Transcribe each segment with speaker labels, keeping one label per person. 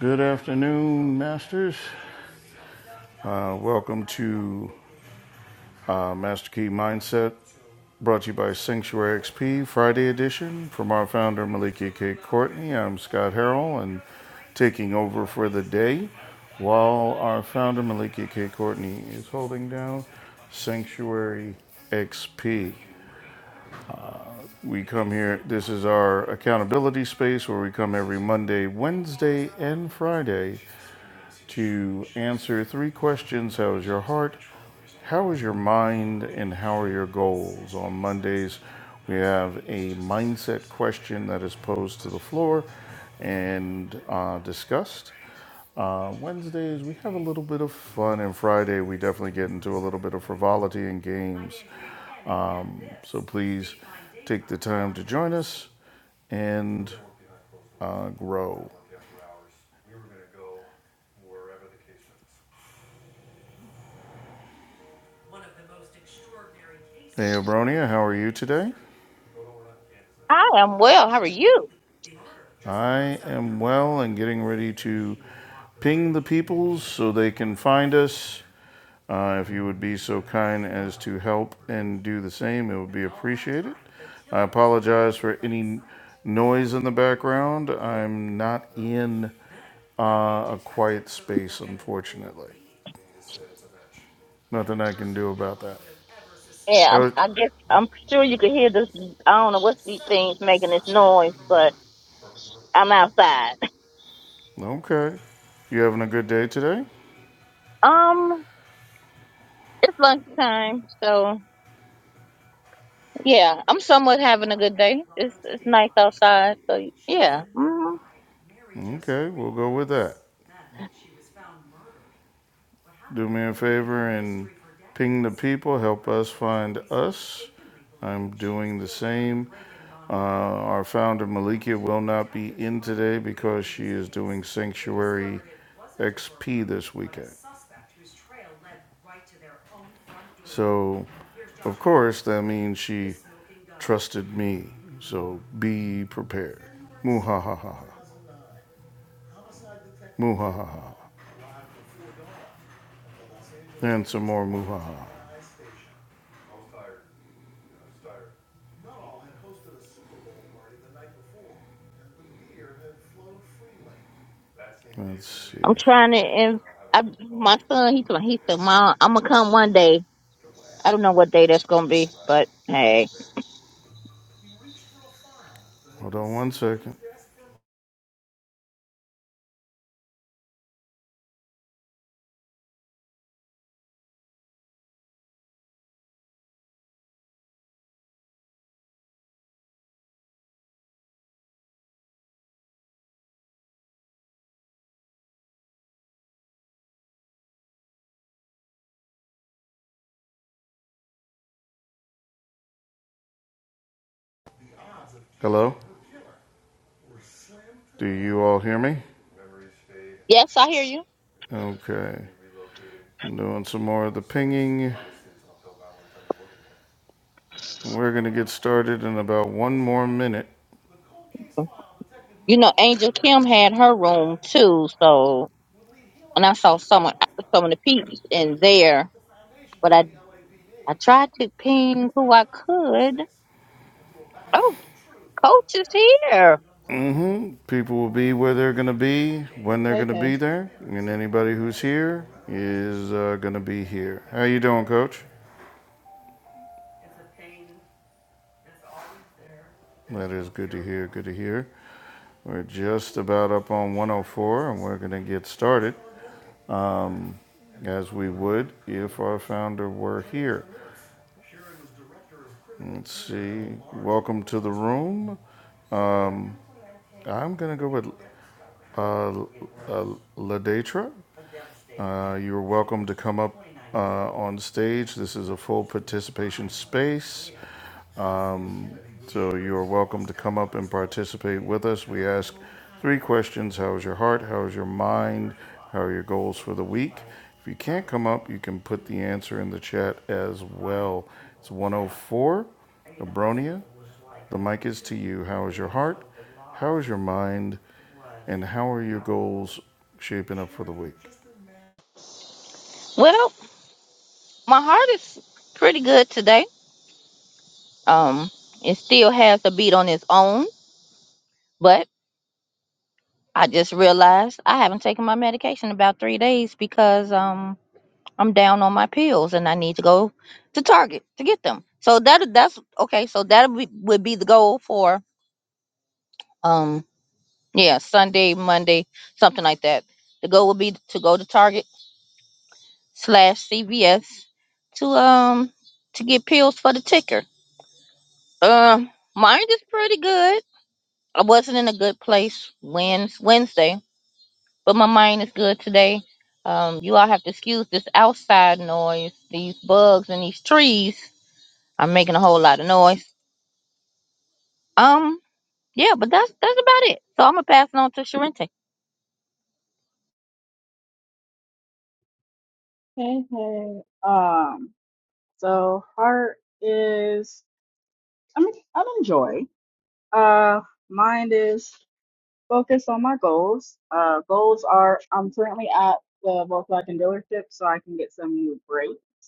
Speaker 1: Good afternoon, Masters. Uh, welcome to uh, Master Key Mindset, brought to you by Sanctuary XP Friday edition. From our founder, Malikia K. Courtney, I'm Scott Harrell, and taking over for the day while our founder, Malikia K. Courtney, is holding down Sanctuary XP. We come here, this is our accountability space where we come every Monday, Wednesday, and Friday to answer three questions How is your heart? How is your mind? And how are your goals? On Mondays, we have a mindset question that is posed to the floor and uh, discussed. Uh, Wednesdays, we have a little bit of fun, and Friday, we definitely get into a little bit of frivolity and games. Um, so please take the time to join us and uh, grow. Hey, Abronia, how are you today?
Speaker 2: I am well. How are you?
Speaker 1: I am well and getting ready to ping the peoples so they can find us. Uh, if you would be so kind as to help and do the same, it would be appreciated. I apologize for any noise in the background. I'm not in uh, a quiet space, unfortunately. Nothing I can do about that.
Speaker 2: Yeah, I'm,
Speaker 1: Uh,
Speaker 2: I guess I'm sure you can hear this. I don't know what's these things making this noise, but I'm outside.
Speaker 1: Okay. You having a good day today?
Speaker 2: Um, it's lunchtime, so yeah, I'm somewhat having a good day. It's it's nice outside, so yeah. hmm
Speaker 1: Okay, we'll go with that. Do me a favor and Ping the people, help us find us. I'm doing the same. Uh, our founder Malikia will not be in today because she is doing Sanctuary XP this week. So, of course, that means she trusted me. So be prepared. Muhahaha. Muhahaha. And some more muhaha.
Speaker 2: I'm trying to. And I, my son, he's he said, "Mom, I'm gonna come one day. I don't know what day that's gonna be, but hey,
Speaker 1: Hold on one second. Hello? Do you all hear me?
Speaker 2: yes, I hear you.
Speaker 1: Okay. I'm doing some more of the pinging. We're going to get started in about one more minute.
Speaker 2: You know, Angel Kim had her room too, so and I saw someone, some of the peeps in there, but I I tried to ping who I could. Oh, coach is here.
Speaker 1: hmm People will be where they're going to be, when they're
Speaker 3: Hey,
Speaker 1: going to
Speaker 3: hey,
Speaker 1: be there, and anybody who's here is uh, going to be here. How you doing, Coach? That is good to hear. Good to hear. We're just about up on 104, and we're going to get started as we would if our founder were here. Let's see. Welcome to the room. I'm going to go with uh, uh, Ladetra. Uh, You're welcome to come up uh, on stage. This is a full participation space. Um, So you are welcome to come up and participate with us. We ask three questions How is your heart? How is your mind? How are your goals for the week? If you can't come up, you can put the answer in the chat as well. It's 104 Abronia. The mic is to you. How is your heart? How is your mind? And how are your goals shaping up for the week?
Speaker 2: Well, my heart is pretty good today. Um, it still has a beat on its own, but I just realized I haven't taken my medication in about three days because um I'm down on my pills and I need to go to Target to get them. So that that's okay. So that would be would be the goal for um. Yeah, Sunday, Monday, something like that. The goal would be to go to Target slash CVS to um to get pills for the ticker. Um, mine is pretty good. I wasn't in a good place Wednes Wednesday, but my mind is good today. Um, you all have to excuse this outside noise, these bugs and these trees. I'm making a whole lot of noise. Um, yeah, but that's that's about it. So I'm gonna pass it on to Sharente.
Speaker 3: hey, hey. Um, so heart is, I mean, I enjoy. Uh, mind is focused on my goals. Uh, goals are I'm currently at the Volkswagen dealership, so I can get some new brakes.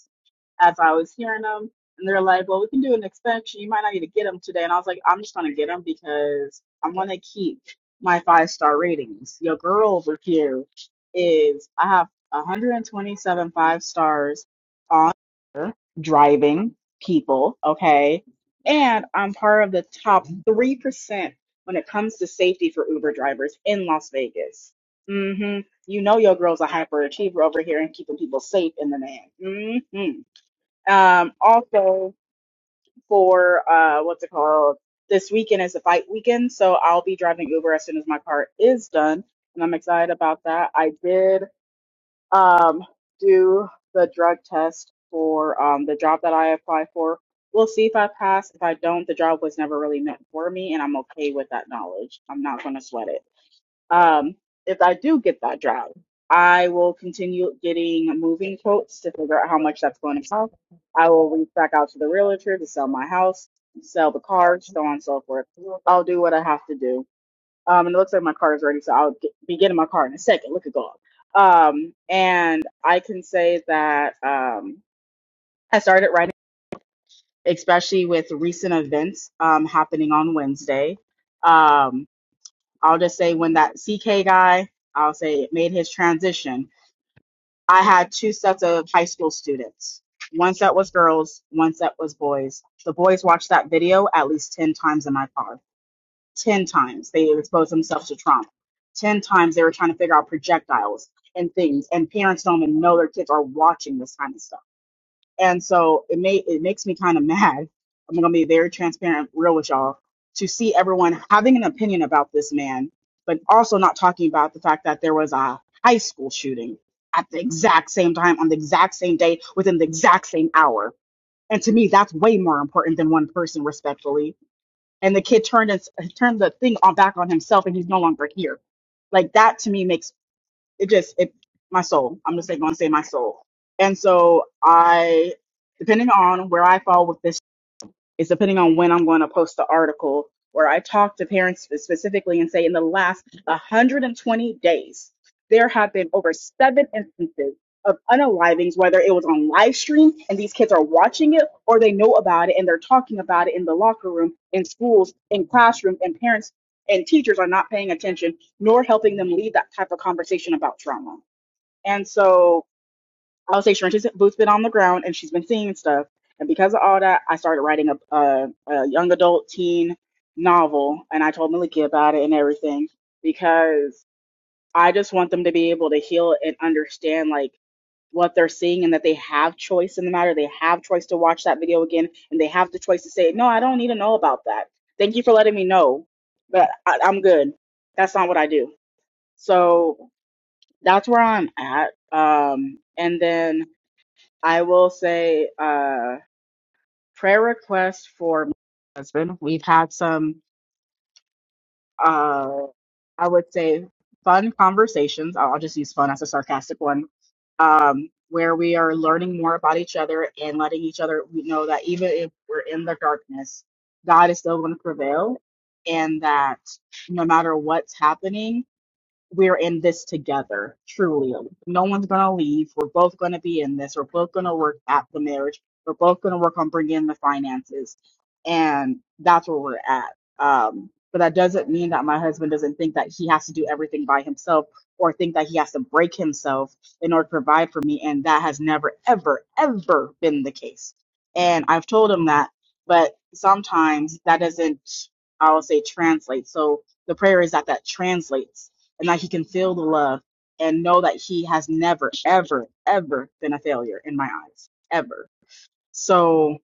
Speaker 3: as I was hearing them. And they're like, well, we can do an expansion. You might not need to get them today. And I was like, I'm just going to get them because I'm going to keep my five star ratings. Your girl over here is, I have 127 five stars on driving people. Okay. And I'm part of the top 3% when it comes to safety for Uber drivers in Las Vegas. hmm You know, your girl's a hyperachiever over here and keeping people safe in the man. Um, also for uh, what's it called? This weekend is a fight weekend, so I'll be driving Uber as soon as my car is done, and I'm excited about that. I did um do the drug test for um the job that I applied for. We'll see if I pass. If I don't, the job was never really meant for me, and I'm okay with that knowledge. I'm not going to sweat it. Um, if I do get that job, I will continue getting moving quotes to figure out how much that's going to cost. I will reach back out to the realtor to sell my house, sell the car, so on and so forth. I'll do what I have to do. Um, and it looks like my car is ready, so I'll get, be getting my car in a second. Look at God. Um, and I can say that um, I started writing, especially with recent events um, happening on Wednesday. Um, I'll just say when that CK guy, I'll say it made his transition. I had two sets of high school students. One set was girls, one set was boys. The boys watched that video at least 10 times in my car. 10 times. They exposed themselves to trauma. 10 times they were trying to figure out projectiles and things. And parents don't even know their kids are watching this kind of stuff and so it may it makes me kind of mad. I'm gonna be very transparent, real with y'all, to see everyone having an opinion about this man, but also not talking about the fact that there was a high school shooting at the exact same time on the exact same day within the exact same hour. And to me, that's way more important than one person, respectfully. And the kid turned and turned the thing on back on himself, and he's no longer here. Like that to me makes it just it my soul. I'm just like gonna say my soul. And so I, depending on where I fall with this. Is depending on when I'm going to post the article where I talk to parents specifically and say in the last 120 days, there have been over seven instances of unalivings, whether it was on live stream and these kids are watching it or they know about it and they're talking about it in the locker room, in schools, in classrooms, and parents and teachers are not paying attention nor helping them lead that type of conversation about trauma. And so I would say Sharenda's boots been on the ground and she's been seeing stuff. And because of all that, I started writing a, a, a young adult teen novel. And I told Maliki about it and everything because I just want them to be able to heal and understand like what they're seeing and that they have choice in the matter. They have choice to watch that video again and they have the choice to say, no, I don't need to know about that. Thank you for letting me know, but I, I'm good. That's not what I do. So that's where I'm at. Um, and then I will say uh prayer request for my husband. We've had some uh I would say fun conversations. I'll I'll just use fun as a sarcastic one. Um where we are learning more about each other and letting each other we know that even if we're in the darkness, God is still going to prevail and that no matter what's happening, we're in this together, truly. No one's going to leave. We're both going to be in this. We're both going to work at the marriage. We're both going to work on bringing in the finances. And that's where we're at. Um, but that doesn't mean that my husband doesn't think that he has to do everything by himself or think that he has to break himself in order to provide for me. And that has never, ever, ever been the case. And I've told him that, but sometimes that doesn't, I will say, translate. So the prayer is that that translates and that he can feel the love and know that he has never, ever, ever been a failure in my eyes, ever. So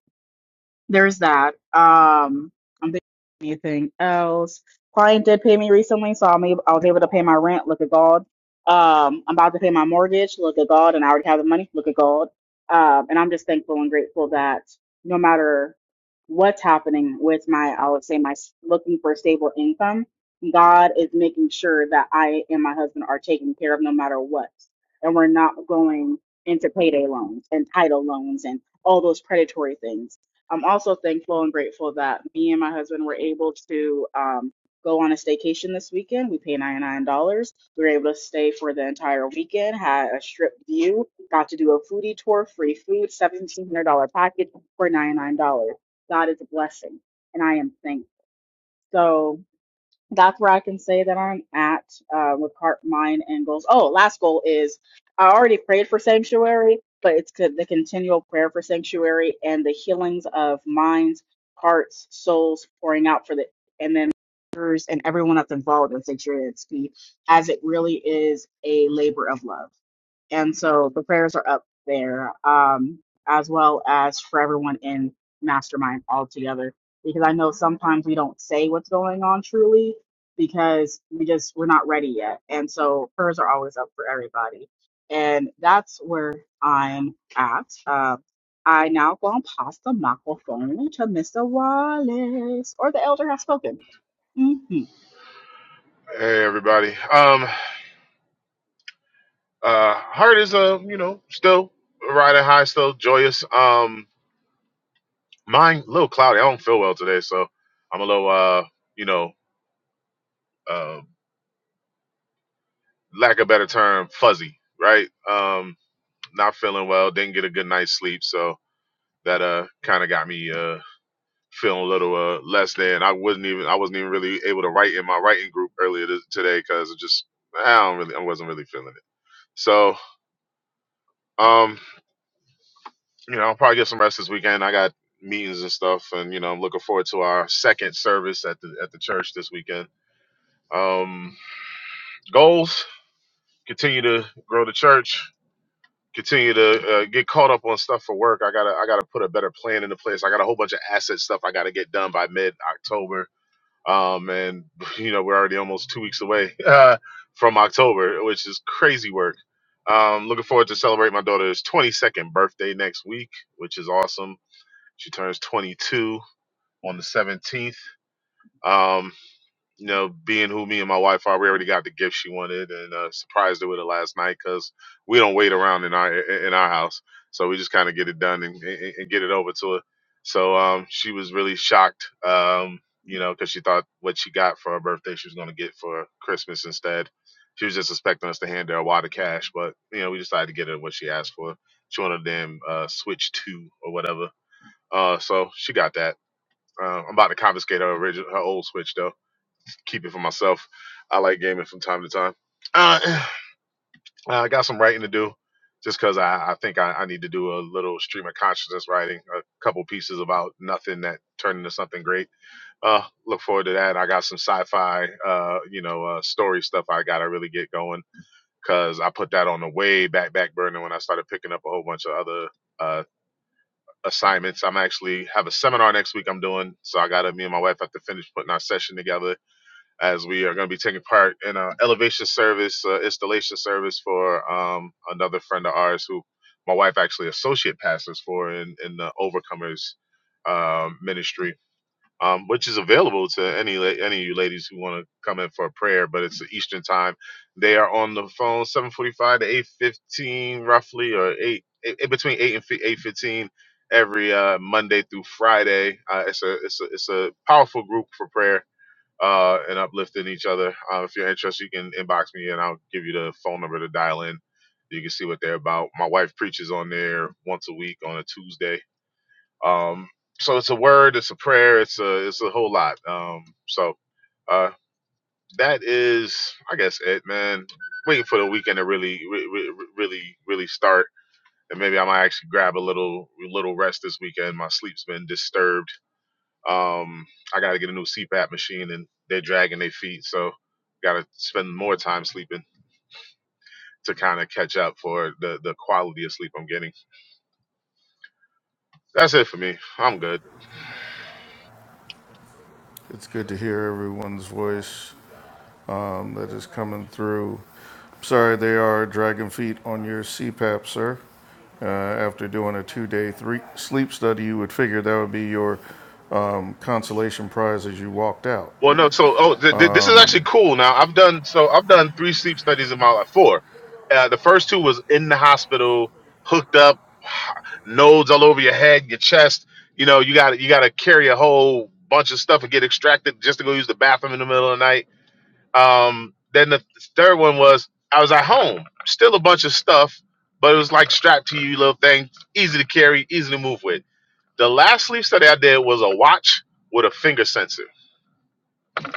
Speaker 3: there's that. Um, I'm thinking of anything else. Client did pay me recently, so I'm able, I was able to pay my rent. Look at God. Um, I'm about to pay my mortgage. Look at God, and I already have the money. Look at God. Um, and I'm just thankful and grateful that no matter what's happening with my, I would say my s- looking for stable income, God is making sure that I and my husband are taken care of no matter what, and we're not going into payday loans and title loans and all those predatory things I'm also thankful and grateful that me and my husband were able to um, go on a staycation this weekend. We paid $99. We were able to stay for the entire weekend, had a strip view, got to do a foodie tour, free food, $1,700 package for $99. God is a blessing, and I am thankful. So that's where I can say that I'm at uh, with heart, mind, and goals. Oh, last goal is I already prayed for sanctuary, but it's co- the continual prayer for sanctuary and the healings of minds, hearts, souls pouring out for the and then members and everyone that's involved in sanctuary and speed, as it really is a labor of love and so the prayers are up there um, as well as for everyone in mastermind altogether because i know sometimes we don't say what's going on truly because we just we're not ready yet and so prayers are always up for everybody and that's where i'm at uh, i now gonna pass the microphone to mr wallace or the elder has spoken hmm
Speaker 4: Hey everybody. Um uh heart is uh, you know, still riding high, still joyous. Um mine a little cloudy. I don't feel well today, so I'm a little uh, you know, uh lack of better term, fuzzy, right? Um not feeling well, didn't get a good night's sleep, so that uh kinda got me uh feeling a little uh less than I wasn't even I wasn't even really able to write in my writing group earlier this, today because it just I don't really I wasn't really feeling it. So um you know, I'll probably get some rest this weekend. I got meetings and stuff, and you know, I'm looking forward to our second service at the at the church this weekend. Um, goals: continue to grow the church. Continue to uh, get caught up on stuff for work. I gotta I gotta put a better plan into place. I got a whole bunch of asset stuff I gotta get done by mid October. Um, and you know, we're already almost two weeks away uh, from October, which is crazy work. Um, looking forward to celebrate my daughter's 22nd birthday next week, which is awesome She turns 22 on the 17th. Um, you know, being who me and my wife are, we already got the gift she wanted, and uh, surprised her with it last night because we don't wait around in our in our house, so we just kind of get it done and, and, and get it over to her. So um, she was really shocked, um, you know, because she thought what she got for her birthday she was going to get for Christmas instead. She was just expecting us to hand her a wad of cash, but you know, we decided to get her what she asked for. She wanted a damn uh, Switch Two or whatever. Uh, so she got that. Uh, I'm about to confiscate her original, her old Switch though. Keep it for myself. I like gaming from time to time. Uh, I got some writing to do, just because I, I think I, I need to do a little stream of consciousness writing, a couple pieces about nothing that turned into something great. Uh, look forward to that. I got some sci-fi, uh, you know, uh, story stuff I got to really get going because I put that on the way back back burner when I started picking up a whole bunch of other. uh, assignments. I'm actually have a seminar next week I'm doing. So I gotta me and my wife have to finish putting our session together as we are gonna be taking part in an elevation service, uh, installation service for um another friend of ours who my wife actually associate pastors for in, in the overcomers um ministry um, which is available to any la- any of you ladies who want to come in for a prayer. But it's Eastern time. They are on the phone 7:45 to 8:15 roughly, or eight, eight between eight and eight fifteen every uh, Monday through Friday. Uh, it's a it's a it's a powerful group for prayer. Uh, and uplifting each other. Uh, if you're interested, you can inbox me and I'll give you the phone number to dial in. You can see what they're about. My wife preaches on there once a week on a Tuesday um, so it's a word, it's a prayer, it's a it's a whole lot. Um, so uh, that is, I guess, it, man. Waiting for the weekend to really, re- re- really, really start, and maybe I might actually grab a little little rest this weekend. My sleep's been disturbed. Um, I got to get a new CPAP machine, and they're dragging their feet, so got to spend more time sleeping to kind of catch up for the the quality of sleep I'm getting. That's it for me. I'm good.
Speaker 1: It's good to hear everyone's voice um, that is coming through. Sorry, they are dragging feet on your CPAP, sir. Uh, after doing a two-day three sleep study, you would figure that would be your um, consolation prize as you walked out.
Speaker 4: Well, no. So, oh, th- th- this is actually cool. Now, I've done so. I've done three sleep studies in my life. Four. Uh, the first two was in the hospital, hooked up, nodes all over your head, your chest. You know, you got you got to carry a whole bunch of stuff and get extracted just to go use the bathroom in the middle of the night. Um, then the third one was I was at home, still a bunch of stuff, but it was like strapped to you, little thing, easy to carry, easy to move with. The last sleep study I did was a watch with a finger sensor.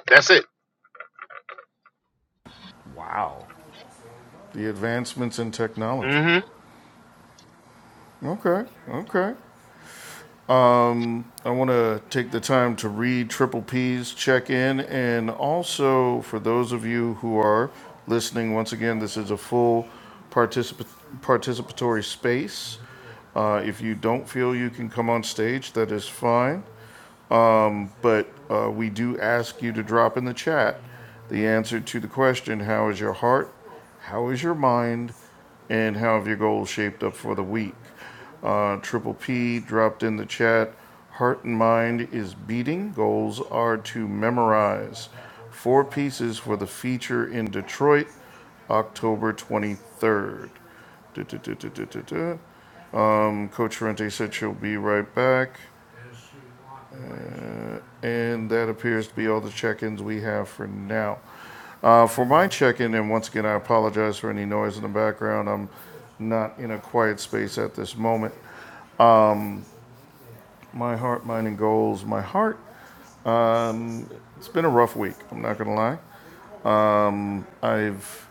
Speaker 4: That's it.
Speaker 1: Wow. The advancements in technology.
Speaker 4: Mm-hmm.
Speaker 1: Okay, okay. I want to take the time to read Triple P's check in. And also, for those of you who are listening, once again, this is a full particip- participatory space. Uh, if you don't feel you can come on stage, that is fine. But uh, we do ask you to drop in the chat the answer to the question How is your heart? How is your mind? And how have your goals shaped up for the week? Uh, Triple P dropped in the chat Heart and mind is beating, goals are to memorize. Four pieces for the feature in Detroit, October 23rd. Du-du-du-du-du-du-du. Um, Coach Rente said she'll be right back. And that appears to be all the check-ins we have for now. Uh, For my check-in, and once again, I apologize for any noise in the background. I'm not in a quiet space at this moment. My heart, mind, and goals. My heart, it's been a rough week, I'm not going to lie. I've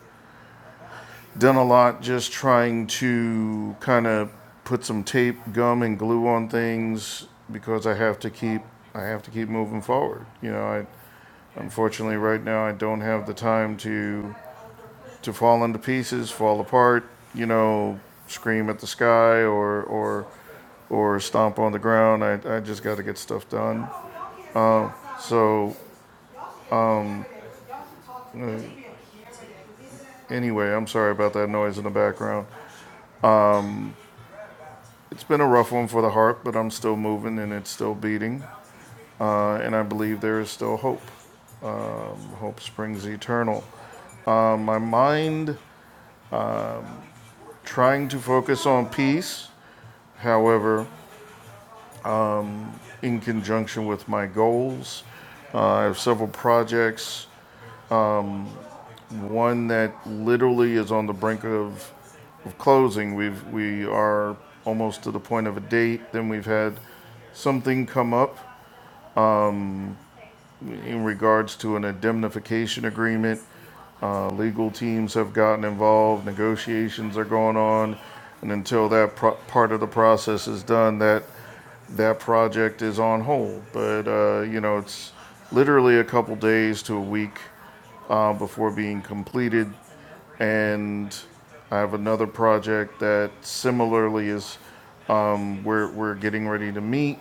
Speaker 1: done a lot just trying to kind of put some tape, gum, and glue on things because I have to keep I have to keep moving forward. You know, I, unfortunately, right now I don't have the time to to fall into pieces, fall apart, you know, scream at the sky or or or stomp on the ground. I, I just got to get stuff done. So anyway, I'm sorry about that noise in the background. It's been a rough one for the heart, but I'm still moving and it's still beating. Uh, and I believe there is still hope. Hope springs eternal. Uh, my mind trying to focus on peace, however, in conjunction with my goals. Uh, I have several projects One that literally is on the brink of, of closing. We've, we are almost to the point of a date. Then we've had something come up in regards to an indemnification agreement. Uh, legal teams have gotten involved, negotiations are going on. And until that pro- part of the process is done, that, that project is on hold. But, uh, you know, it's literally a couple days to a week uh, before being completed. and I have another project that similarly is um, we're we're getting ready to meet,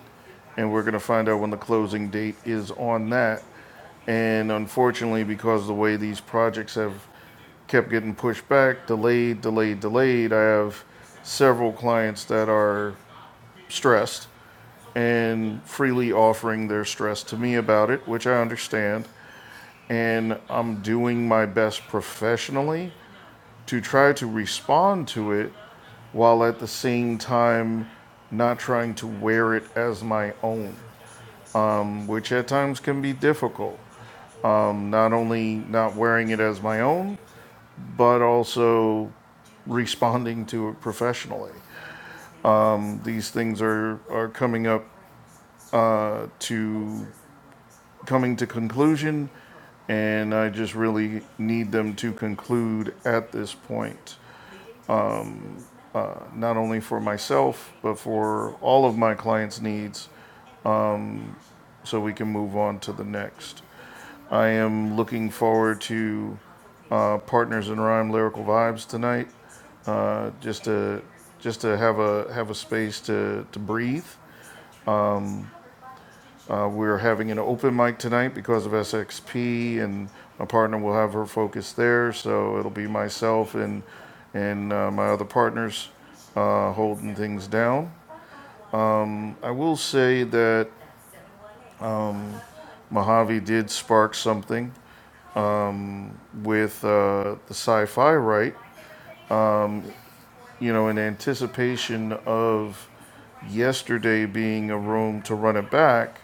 Speaker 1: and we're going to find out when the closing date is on that. And unfortunately, because the way these projects have kept getting pushed back, delayed, delayed, delayed, I have several clients that are stressed and freely offering their stress to me about it, which I understand. And I'm doing my best professionally to try to respond to it while at the same time not trying to wear it as my own, which at times can be difficult. Um, not only not wearing it as my own, but also responding to it professionally. These things are, are coming up uh, to coming to conclusion, and I just really need them to conclude at this point, uh, not only for myself, but for all of my clients' needs so we can move on to the next. I am looking forward to uh, Partners in Rhyme Lyrical Vibes tonight, uh, just to just to have a have a space to to breathe. Uh, we're having an open mic tonight because of SXP, and my partner will have her focus there. So it'll be myself and and uh, my other partners uh, holding things down. I will say that Mojave did spark something with uh, the sci fi right you know, in anticipation of yesterday being a room to run it back,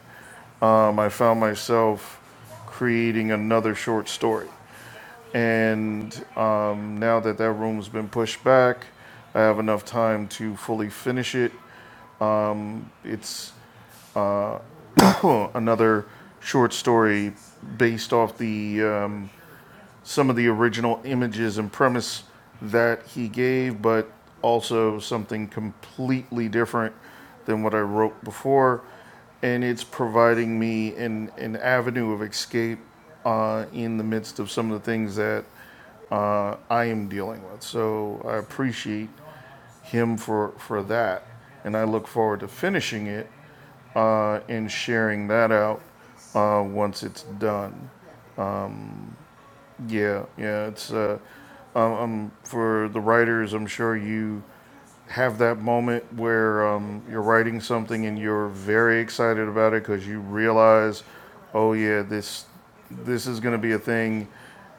Speaker 1: um, I found myself creating another short story. And um, now that that room's been pushed back, I have enough time to fully finish it. It's huh, another short story based off the um, some of the original images and premise that he gave, but also something completely different than what I wrote before. And it's providing me an, an avenue of escape uh, in the midst of some of the things that uh, I am dealing with. So I appreciate him for, for that. And I look forward to finishing it uh, and sharing that out uh, once it's done. Yeah, yeah, it's. Uh, for the writers, I'm sure you have that moment where um, you're writing something and you're very excited about it because you realize, oh yeah, this this is going to be a thing,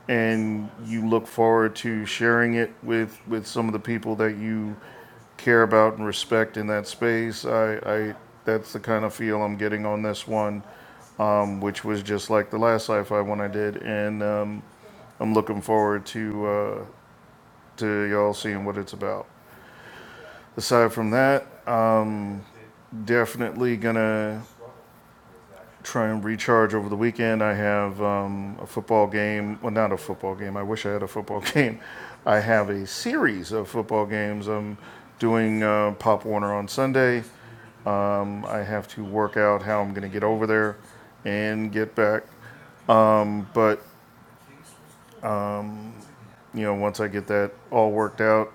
Speaker 1: and you look forward to sharing it with with some of the people that you care about and respect in that space. I, I that's the kind of feel I'm getting on this one, um, which was just like the last sci-fi one I did, and um, I'm looking forward to uh, to y'all seeing what it's about. aside from that, I'm definitely gonna try and recharge over the weekend. I have um, a football game. Well, not a football game. I wish I had a football game. I have a series of football games. I'm doing uh, Pop Warner on Sunday. Um, I have to work out how I'm gonna get over there and get back. But you know, once I get that all worked out,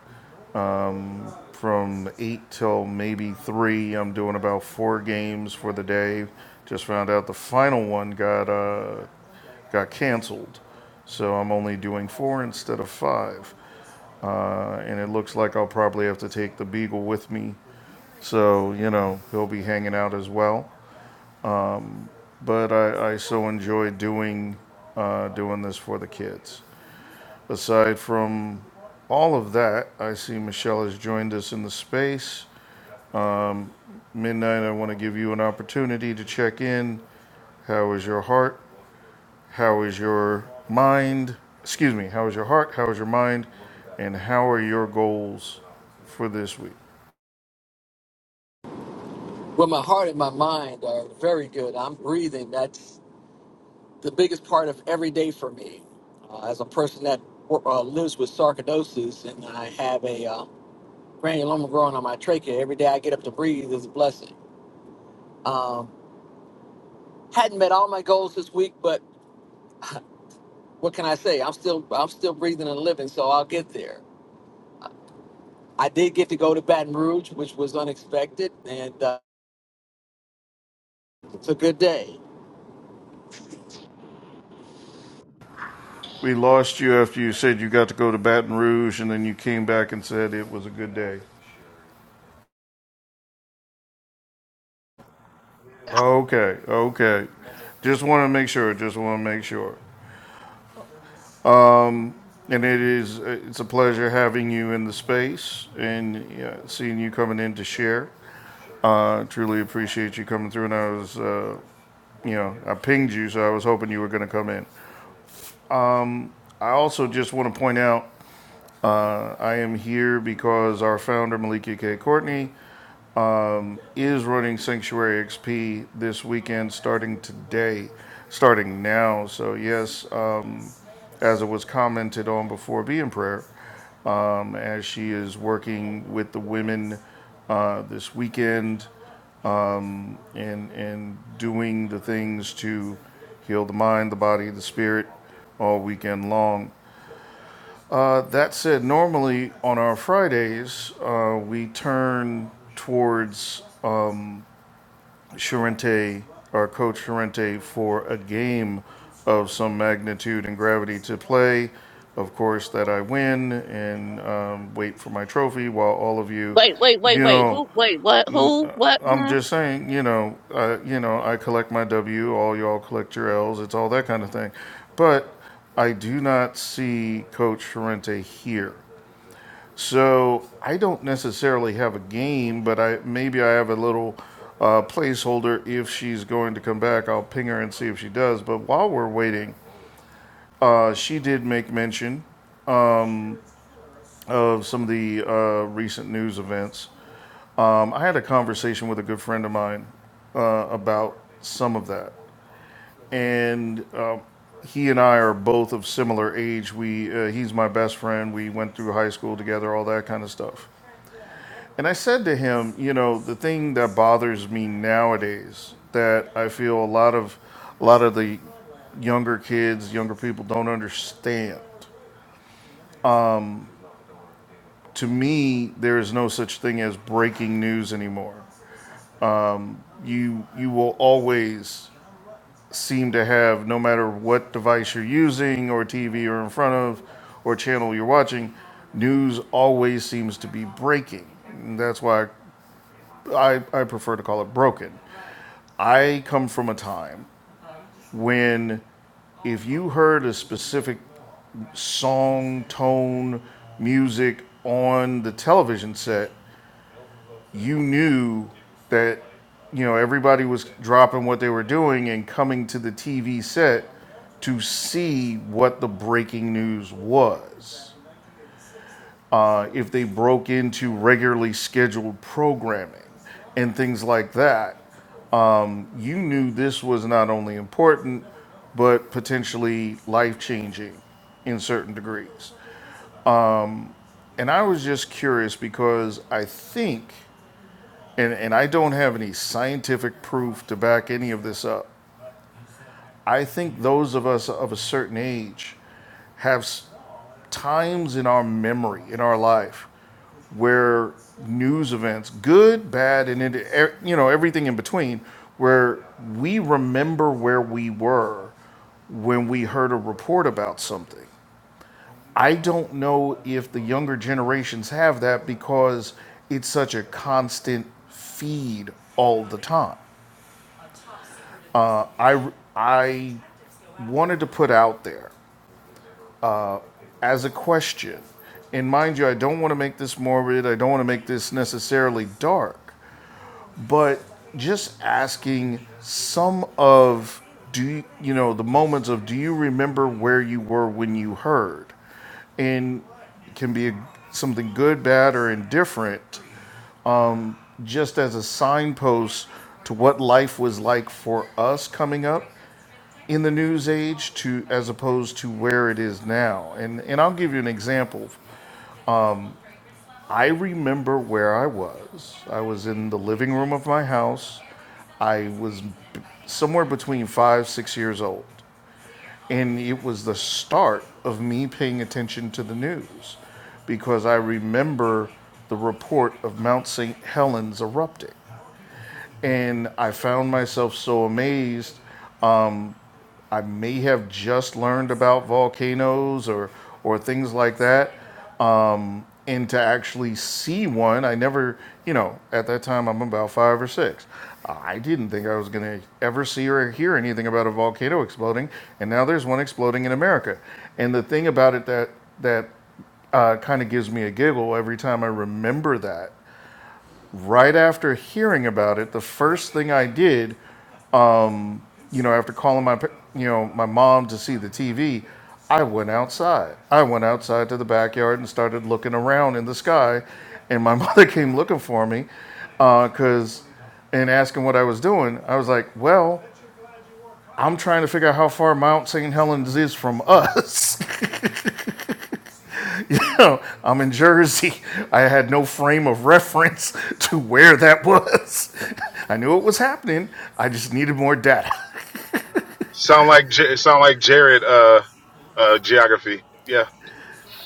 Speaker 1: From eight till maybe three, I'm doing about four games for the day. Just found out the final one got uh, got canceled, so I'm only doing four instead of five. Uh, and it looks like I'll probably have to take the beagle with me, so you know he'll be hanging out as well. But I, I so enjoy doing uh, doing this for the kids. Aside from all of that, I see Michelle has joined us in the space. midnight, I want to give you an opportunity to check in. How is your heart? How is your mind? Excuse me, how is your heart? How is your mind? And how are your goals for this week?
Speaker 5: Well, my heart and my mind are very good. I'm breathing. That's the biggest part of every day for me. Uh, as a person that uh, lives with sarcoidosis and I have a uh, granuloma growing on my trachea, every day I get up to breathe is a blessing. Um, hadn't met all my goals this week, but what can I say? I'm still I'm still breathing and living, so I'll get there. I did get to go to Baton Rouge, which was unexpected, and uh, it's a good day.
Speaker 1: We lost you after you said you got to go to Baton Rouge and then you came back and said it was a good day. Okay, okay. Just want to make sure, just want to make sure. And it is it's a pleasure having you in the space and yeah, seeing you coming in to share. I truly appreciate you coming through, and I was, uh, you know, I pinged you, so I was hoping you were going to come in. I also just want to point out uh, I am here because our founder, Malika K. Courtney, is running Sanctuary XP this weekend starting today, starting now. So, yes, um, as it was commented on before, be in prayer um, as she is working with the women uh, this weekend and, and doing the things to heal the mind, the body, the spirit all weekend long. Uh, that said, normally on our Fridays, uh, we turn towards uh, Charente, our coach Charente, for a game of some magnitude and gravity to play. Of course, that I win and um, wait for my trophy while all of you,
Speaker 2: Wait, wait,
Speaker 1: you
Speaker 2: wait, wait.
Speaker 1: know,
Speaker 2: Who? Wait, what? Who? What?
Speaker 1: I'm just saying, you know, uh, you know, I collect my W, all y'all collect your L's. It's all that kind of thing. But I do not see Coach Ferrente here, so I don't necessarily have a game, but I maybe I have a little uh, placeholder if she's going to come back. I'll ping her and see if she does. But while we're waiting, uh, she did make mention of some of the uh, recent news events. Um, I had a conversation with a good friend of mine uh, about some of that. and uh, he and I are both of similar age. We uh, he's my best friend. We went through high school together, all that kind of stuff. And I said to him, you know, the thing that bothers me nowadays that I feel a lot of a lot of the younger kids, younger people don't understand. To me, there is no such thing as breaking news anymore. You you will always seem to have no matter what device you're using or TV you're in front of or channel you're watching, news always seems to be breaking. And that's why I, I prefer to call it broken. I come from a time when if you heard a specific song, tone, music on the television set, you knew that you know everybody was dropping what they were doing and coming to the TV set to see what the breaking news was. Uh, if they broke into regularly scheduled programming and things like that, you knew this was not only important but potentially life-changing in certain degrees. And I was just curious because I think, and, and I don't have any scientific proof to back any of this up, I think those of us of a certain age have times in our memory, in our life, where news events, good, bad, and it, e- you know everything in between, where we remember where we were when we heard a report about something. I don't know if the younger generations have that because it's such a constant feed all the time. I I wanted to put out there as a question. And mind you, I don't want to make this morbid, I don't want to make this necessarily dark, but just asking some of do you, you know the moments of do you remember where you were when you heard and it can be a, something good bad or indifferent just as a signpost to what life was like for us coming up in the news age to as opposed to where it is now and and I'll give you an example I remember where I was. I was in the living room of my house. I was b- somewhere between five, six years old. And it was the start of me paying attention to the news because I remember the report of Mount St. Helens erupting. And I found myself so amazed. I may have just learned about volcanoes or, or things like that and to actually see one, I never, you know, at that time I'm about five or six. I didn't think I was going to ever see or hear anything about a volcano exploding, and now there's one exploding in America. And the thing about it that that uh, kind of gives me a giggle every time I remember that. Right after hearing about it, the first thing I did you know, after calling my, you know, my mom to see the TV, I went outside. I went outside to the backyard and started looking around in the sky, and my mother came looking for me, because, and asking what I was doing. I was like, well, I'm trying to figure out how far Mount St. Helens is from us. You know, I'm in Jersey. I had no frame of reference to where that was. I knew it was happening. I just needed more data.
Speaker 4: Sound like J- sound like Jared uh uh geography. Yeah.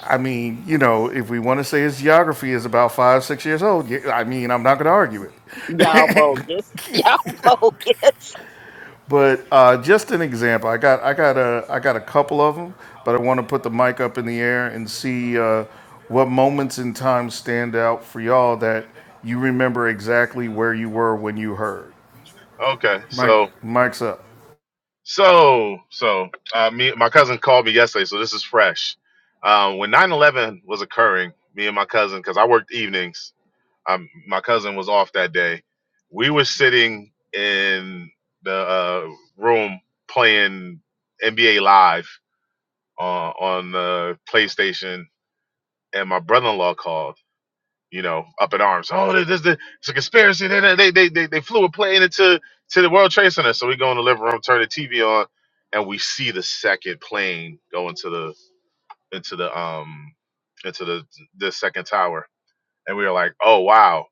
Speaker 1: I mean, you know, if we want to say his geography is about five, six years old, yeah, I mean, I'm not going to argue it.
Speaker 2: Y'all bogus. Y'all bogus.
Speaker 1: But uh, just an example, I got, I got a, I got a couple of them, but I want to put the mic up in the air and see uh, what moments in time stand out for y'all that you remember exactly where you were when you heard.
Speaker 4: Okay.
Speaker 1: Mike,
Speaker 4: So
Speaker 1: mic's up.
Speaker 4: so so uh me my cousin called me yesterday, so this is fresh. Um when nine eleven was occurring, me and my cousin cuz I worked evenings, um my cousin was off that day. We were sitting in the uh room playing NBA live uh, on the PlayStation and my brother-in-law called you know, up in arms. Oh, this, this, this it's a conspiracy. They, they, they, they, they flew a plane into to the World Trade Center. So we go in the living room, turn the TV on, and we see the second plane go into the into the um into the the second tower. And we were like, oh wow.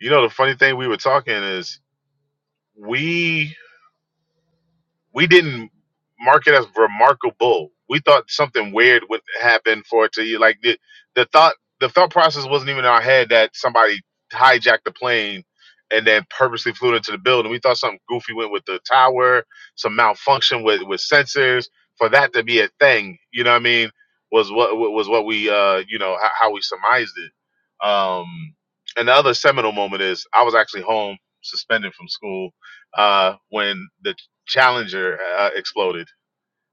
Speaker 4: You know, the funny thing we were talking is we we didn't mark it as remarkable. We thought something weird would happen for it to you. Like the the thought the thought process wasn't even in our head that somebody hijacked the plane and then purposely flew it into the building. We thought something goofy went with the tower, some malfunction with with sensors for that to be a thing. You know what I mean? Was what was what we uh you know how, how we surmised it. Um, and the other seminal moment is I was actually home suspended from school uh, when the Challenger uh, exploded.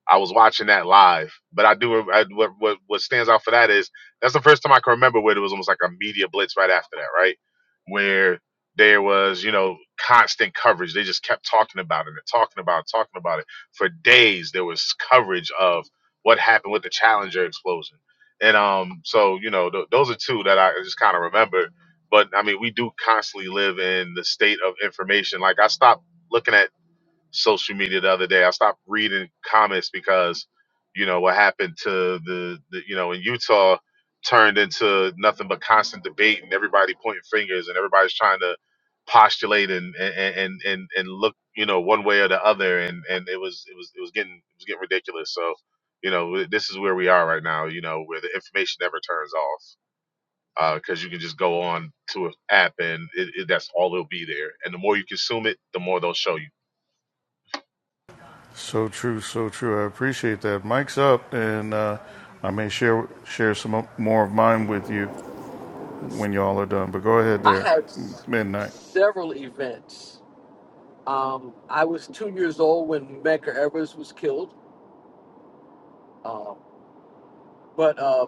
Speaker 4: I was watching that live, but I do I, what, what what stands out for that is that's the first time I can remember where there was almost like a media blitz right after that, right? Where there was you know constant coverage. They just kept talking about it and talking about it, talking about it for days. There was coverage of what happened with the Challenger explosion, and um, so you know th- those are two that I just kind of remember. But I mean, we do constantly live in the state of information. Like I stopped looking at social media the other day. I stopped reading comments because, you know, what happened to the, the you know, in Utah turned into nothing but constant debate and everybody pointing fingers and everybody's trying to postulate and and and and, and look, you know, one way or the other and and it was it was it was getting it was getting ridiculous. So, you know, this is where we are right now, you know, where the information never turns off. Because you can just go on to an app and it, it, that's all it'll be there. And the more you consume it, the more they'll show you
Speaker 1: So true, so true. I appreciate that. Mic's up, and uh, I may share share some more of mine with you when y'all are done. But go ahead
Speaker 5: I
Speaker 1: there,
Speaker 5: had s-
Speaker 1: midnight.
Speaker 5: several events Um, I was two years old when Medgar Evers was killed. Um, but uh,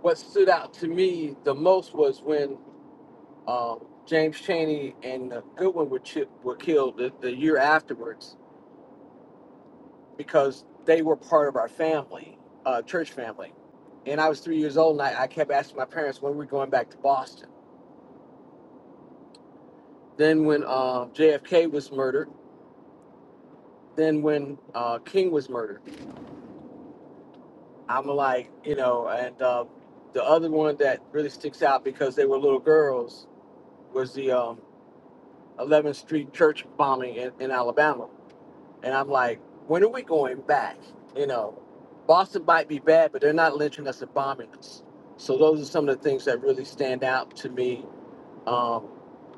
Speaker 5: what stood out to me the most was when um, James Chaney and uh, Goodwin were, chi- were killed the, the year afterwards because they were part of our family, uh, church family. And I was three years old, and I, I kept asking my parents when we were going back to Boston. Then when uh, JFK was murdered, then when uh, King was murdered I'm like, you know, and uh, the other one that really sticks out because they were little girls was the um, 11th Street church bombing in, in Alabama. And I'm like, when are we going back? You know, Boston might be bad, but they're not lynching us and bombing us. So those are some of the things that really stand out to me. Um,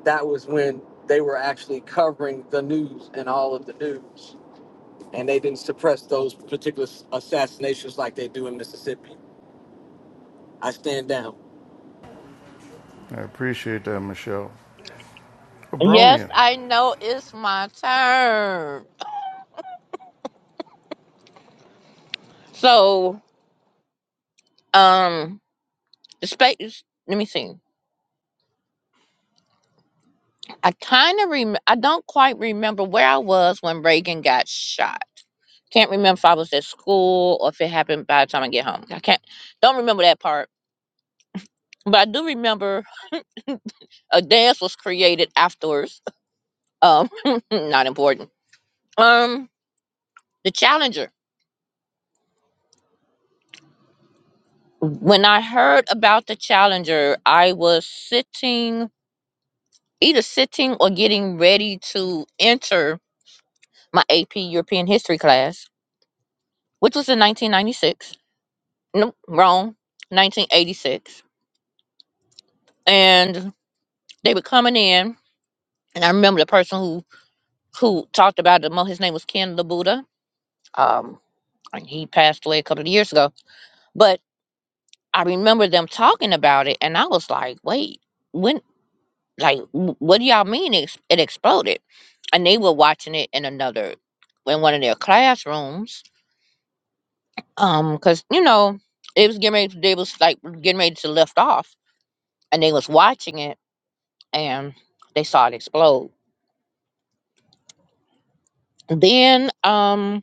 Speaker 5: that was when they were actually covering the news and all of the news, and they didn't suppress those particular assassinations like they do in Mississippi. I stand down.
Speaker 1: I appreciate that, Michelle.
Speaker 2: Yes,
Speaker 1: Abronia.
Speaker 2: I know it's my turn. So, um, the space. Let me see. I kind of rem. I don't quite remember where I was when Reagan got shot. Can't remember if I was at school or if it happened by the time I get home. I can't. Don't remember that part. But I do remember a dance was created afterwards. Um, not important. Um, the challenger. When I heard about the Challenger, I was sitting, either sitting or getting ready to enter my AP European history class, which was in 1996. Nope, wrong, 1986. And they were coming in, and I remember the person who who talked about it. mo- His name was Ken Labuda. Um, and he passed away a couple of years ago, but I remember them talking about it, and I was like, "Wait, when?" Like, "Wh- what do y'all mean it's- it exploded? And they were watching it in another, in one of their classrooms. Um, cause you know, it was getting ready, they was like getting ready to lift off and they was watching it and they saw it explode. Then, um,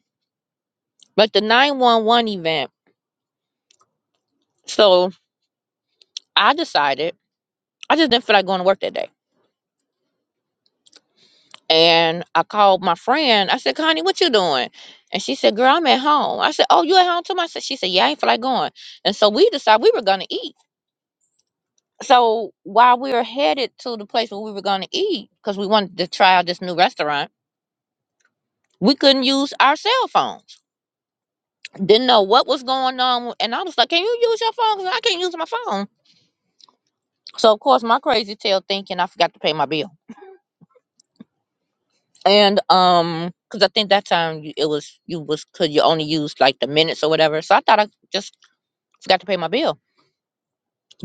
Speaker 2: but the 911 event, so I decided, I just didn't feel like going to work that day. And I called my friend. I said, Connie, what you doing? And she said, Girl, I'm at home. I said, Oh, you at home too? I said, She said, Yeah, I ain't feel like going. And so we decided we were gonna eat. So while we were headed to the place where we were gonna eat, because we wanted to try out this new restaurant, we couldn't use our cell phones. Didn't know what was going on. And I was like, Can you use your phone? 'Cause I can't use my phone. So of course my crazy tail thinking I forgot to pay my bill. And um, because I think that time you- it was you was could you only use like the minutes or whatever. So I thought I just forgot to pay my bill.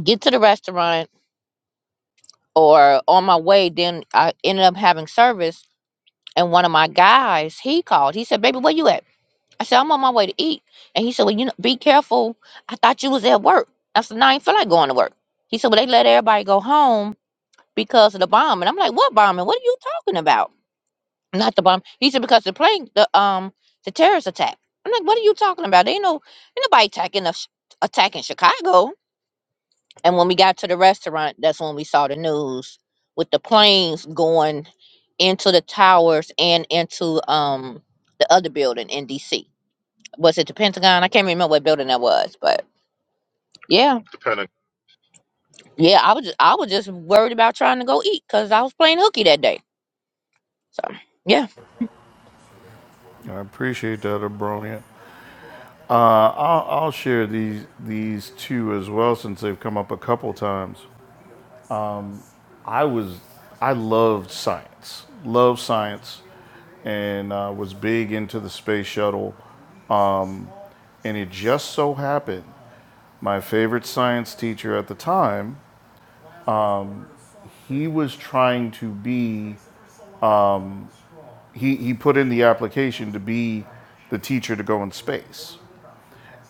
Speaker 2: Get to the restaurant or on my way, then I ended up having service. And one of my guys, he called. He said, Baby, where you at? I said, I'm on my way to eat. And he said, Well, you know, be careful. I thought you was at work. I said, No, I ain't feel like going to work. He said, Well, they let everybody go home because of the bomb. And I'm like, What bombing? What are you talking about? Not the bomb. He said, Because the plane, the um, the terrorist attack. I'm like, What are you talking about? They ain't no ain't nobody attacking us attacking Chicago. And when we got to the restaurant, that's when we saw the news with the planes going into the towers and into um the other building in DC. Was it the Pentagon? I can't remember what building that was, but yeah,
Speaker 4: Depending.
Speaker 2: yeah. I was just, I was just worried about trying to go eat because I was playing hooky that day. So yeah.
Speaker 1: I appreciate that, Abronia. Uh, I'll, I'll share these these two as well since they've come up a couple times. I was I loved science, loved science, and uh, was big into the space shuttle. And it just so happened my favorite science teacher at the time he was trying to be he, he put in the application to be the teacher to go in space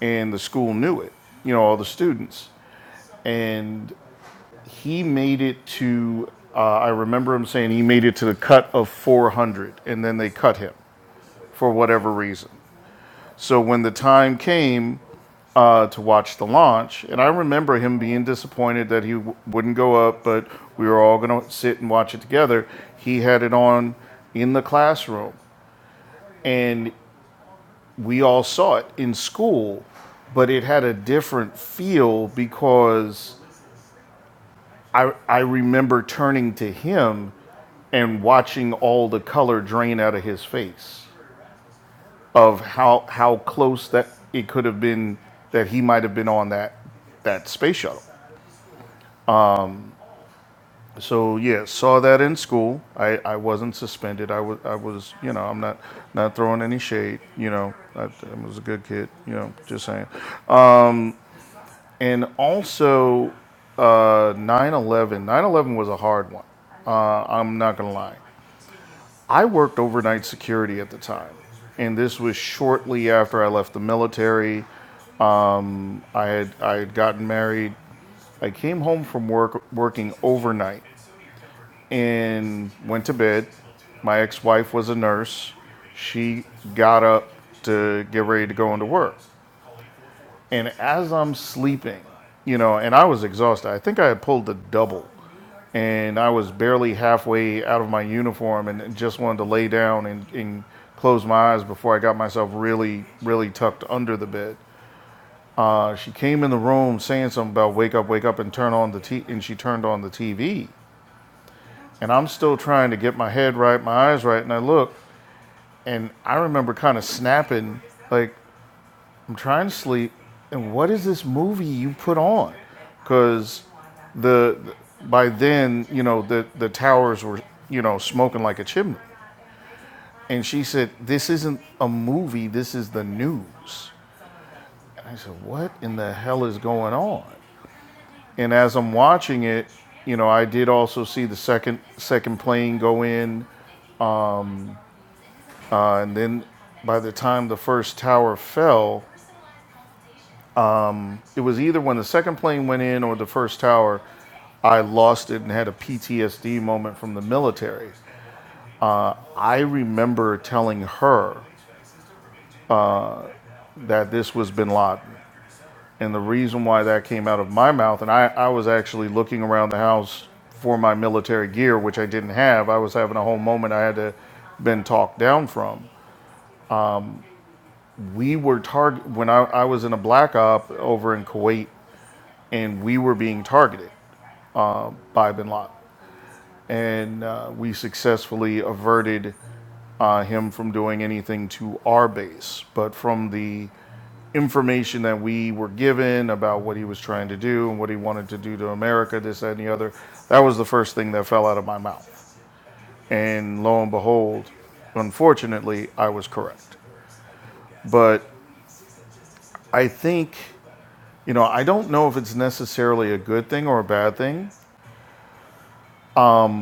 Speaker 1: and the school knew it you know all the students and he made it to uh, i remember him saying he made it to the cut of 400 and then they cut him for whatever reason so when the time came uh, to watch the launch and i remember him being disappointed that he w- wouldn't go up but we were all going to sit and watch it together he had it on in the classroom and we all saw it in school but it had a different feel because I I remember turning to him and watching all the color drain out of his face of how how close that it could have been that he might have been on that that space shuttle. So yeah, saw that in school. I, I wasn't suspended. I was I was you know I'm not not throwing any shade. You know I, I was a good kid. You know just saying. And also uh, 9/11. was a hard one. Uh, I'm not gonna lie. I worked overnight security at the time, and this was shortly after I left the military. I had I had gotten married. I came home from work working overnight and went to bed. My ex-wife was a nurse. She got up to get ready to go into work. And as I'm sleeping, you know, and I was exhausted. I think I had pulled the double, and I was barely halfway out of my uniform, and just wanted to lay down and, and close my eyes before I got myself really, really tucked under the bed. Uh, she came in the room saying something about wake up, wake up, and turn on the t. V, And she turned on the TV, and I'm still trying to get my head right, my eyes right, and I look, and I remember kind of snapping, like, I'm trying to sleep, and what is this movie you put on? Because the by then, you know, the the towers were, you know, smoking like a chimney. And she said, "This isn't a movie. This is the news." And I said, "What in the hell is going on?" And as I'm watching it, you know, I did also see the second second plane go in, and then by the time the first tower fell, it was either when the second plane went in or the first tower, I lost it and had a PTSD moment from the military. I remember telling her that this was bin Laden. And the reason why that came out of my mouth, and I, I was actually looking around the house for my military gear, which I didn't have. I was having a whole moment I had to been talked down from. We were target when I, I was in a black op over in Kuwait and we were being targeted by bin Laden. and uh, we successfully averted uh, him from doing anything to our base. But from the information that we were given about what he was trying to do and what he wanted to do to America, this, that, and the other, that was the first thing that fell out of my mouth. And lo and behold, unfortunately, I was correct. But I think, you know, I don't know if it's necessarily a good thing or a bad thing,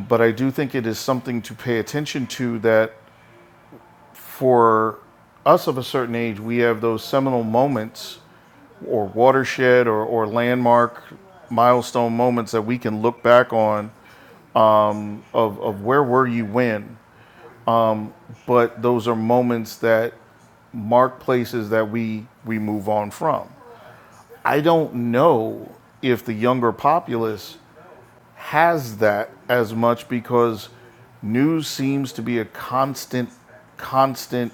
Speaker 1: but I do think it is something to pay attention to that for us of a certain age, we have those seminal moments or watershed or, or landmark milestone moments that we can look back on of, of where were you when. But those are moments that mark places that we, we move on from. I don't know if the younger populace has that as much because news seems to be a constant, constant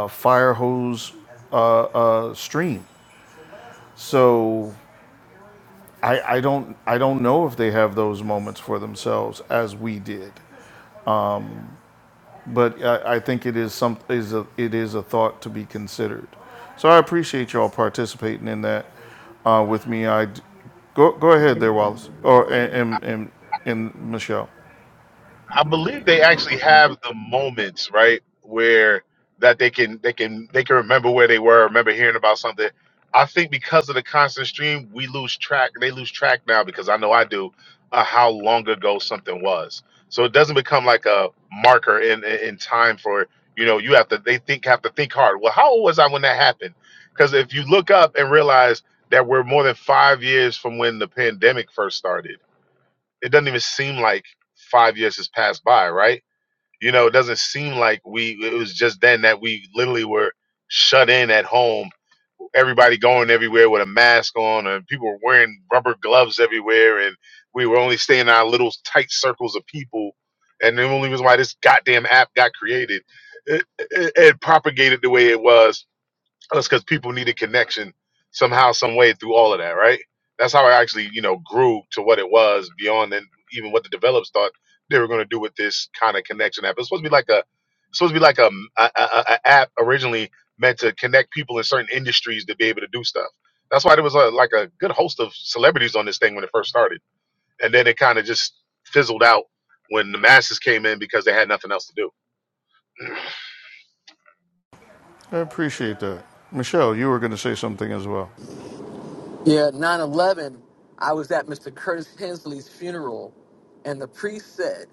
Speaker 1: uh, fire hose uh, uh, stream. So I, I don't I don't know if they have those moments for themselves as we did, but I, I think it is some is a it is a thought to be considered. So I appreciate y'all participating in that uh, with me. I go go ahead there, Wallace or and and, and and Michelle.
Speaker 4: I believe they actually have the moments, right, where that they can they can they can remember where they were, remember hearing about something. I think because of the constant stream, we lose track. They lose track now because I know I do uh, how long ago something was. So it doesn't become like a marker in, in in time for you know you have to they think have to think hard. Well, how old was I when that happened? Because if you look up and realize that we're more than five years from when the pandemic first started it doesn't even seem like five years has passed by, right? You know, it doesn't seem like we, it was just then that we literally were shut in at home, everybody going everywhere with a mask on, and people were wearing rubber gloves everywhere, and we were only staying in our little tight circles of people. And the only reason why this goddamn app got created, it, it, it propagated the way it was that's because people need a connection somehow, some way through all of that, right? That's how I actually, you know, grew to what it was beyond and even what the developers thought they were going to do with this kind of connection app. It's supposed to be like a, it's supposed to be like a, a, a, a app originally meant to connect people in certain industries to be able to do stuff. That's why there was a, like a good host of celebrities on this thing when it first started, and then it kind of just fizzled out when the masses came in because they had nothing else to do.
Speaker 1: I appreciate that, Michelle. You were going to say something as well.
Speaker 5: Yeah, 9 11. I was at Mr. Curtis Hensley's funeral, and the priest said,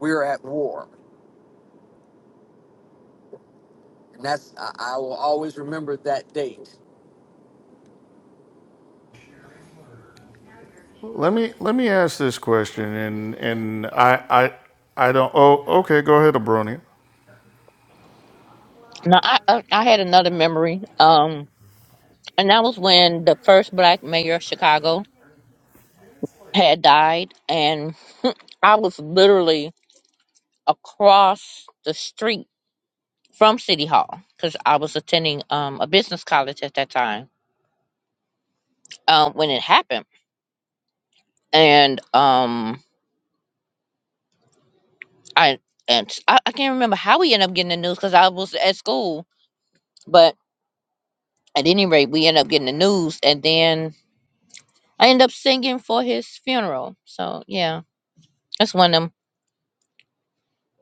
Speaker 5: We're at war. And that's, I, I will always remember that date.
Speaker 1: Let me let me ask this question, and and I I I don't. Oh, okay. Go ahead, Abronia.
Speaker 2: No, I I I had another memory. Um, and that was when the first black mayor of Chicago had died, and I was literally across the street from City Hall because I was attending um, a business college at that time um, when it happened, and um, I and I, I can't remember how we ended up getting the news because I was at school, but at any rate, we ended up getting the news, and then I ended up singing for his funeral. So yeah, that's one of them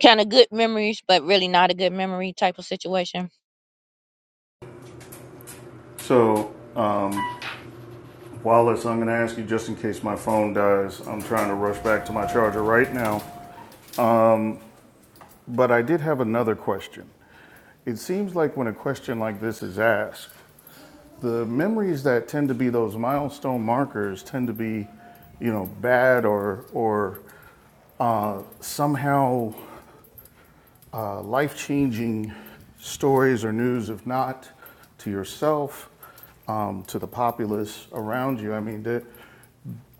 Speaker 2: kind of good memories, but really not a good memory type of situation.
Speaker 1: So. Uh, Wallace, I'm going to ask you just in case my phone dies. I'm trying to rush back to my charger right now. But I did have another question. It seems like when a question like this is asked, the memories that tend to be those milestone markers tend to be, you know, bad or or uh, somehow uh, life-changing stories or news, if not to yourself, um, to the populace around you. I mean, that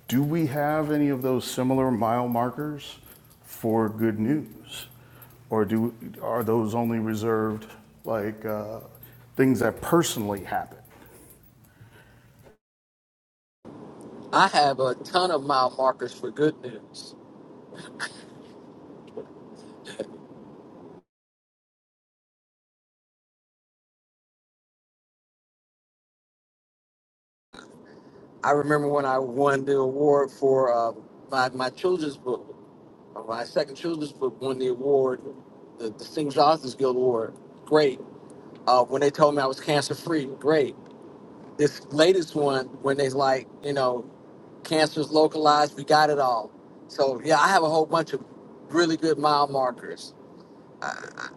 Speaker 1: Do we have any of those similar mile markers for good news? Or do, are those only reserved like uh, things that personally happen?
Speaker 5: I have a ton of mile markers for good news. I remember when I won the award for uh, my, my children's book, uh, my second children's book won the award, the Distinguished Authors Guild Award. Great. Uh, when they told me I was cancer free, great. This latest one, when they like, you know, Cancer's localized. We got it all. So yeah, I have a whole bunch of really good mile markers. I,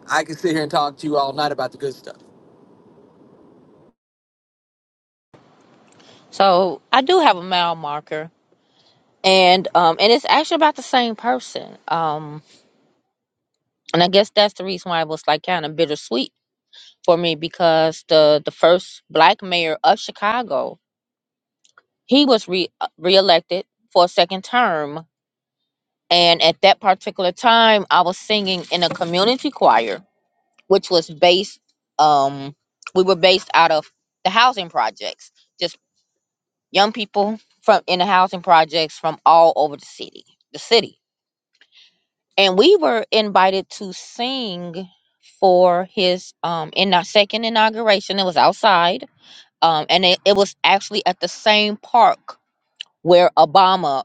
Speaker 5: I, I can sit here and talk to you all night about the good stuff.
Speaker 2: So I do have a mile marker, and um, and it's actually about the same person. Um, and I guess that's the reason why it was like kind of bittersweet for me because the the first black mayor of Chicago, he was re uh, reelected for a second term, and at that particular time, I was singing in a community choir, which was based um we were based out of the housing projects, just young people from in the housing projects from all over the city, the city and we were invited to sing for his um in our second inauguration it was outside um and it, it was actually at the same park where obama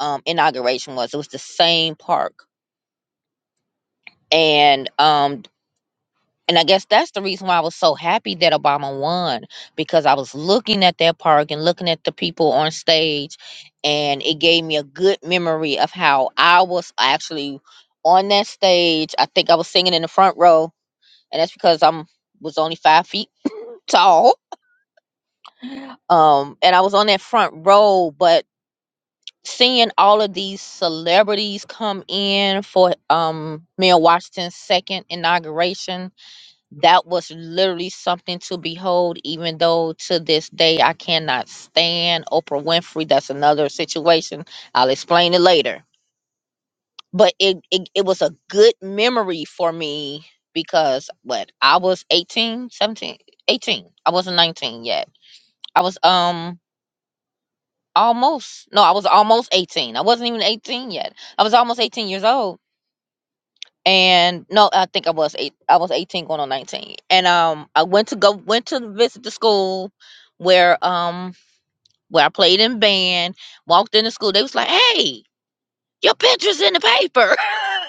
Speaker 2: um inauguration was it was the same park and um and i guess that's the reason why i was so happy that obama won because i was looking at that park and looking at the people on stage and it gave me a good memory of how i was actually on that stage i think i was singing in the front row and that's because I'm was only five feet tall. Um, and I was on that front row, but seeing all of these celebrities come in for um Mayor Washington's second inauguration, that was literally something to behold. Even though to this day I cannot stand Oprah Winfrey. That's another situation. I'll explain it later but it, it it was a good memory for me because what I was 18 17 18 I wasn't 19 yet. I was um almost no, I was almost 18. I wasn't even 18 yet. I was almost 18 years old. And no, I think I was eight. I was 18 going on 19. And um I went to go went to visit the school where um where I played in band, walked into school. They was like, "Hey, your picture's in the paper."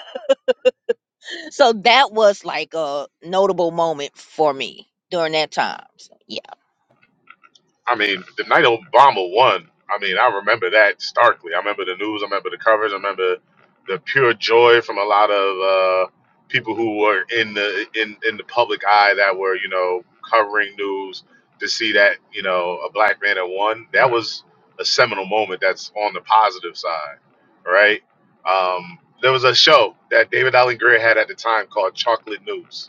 Speaker 2: So that was like a notable moment for me during that time. So, yeah.
Speaker 4: I mean, the night Obama won, I mean, I remember that starkly. I remember the news. I remember the coverage. I remember the pure joy from a lot of uh, people who were in the in in the public eye that were you know covering news to see that you know a black man had won. That was a seminal moment. That's on the positive side, right? Um, there was a show that David Allen Greer had at the time called Chocolate News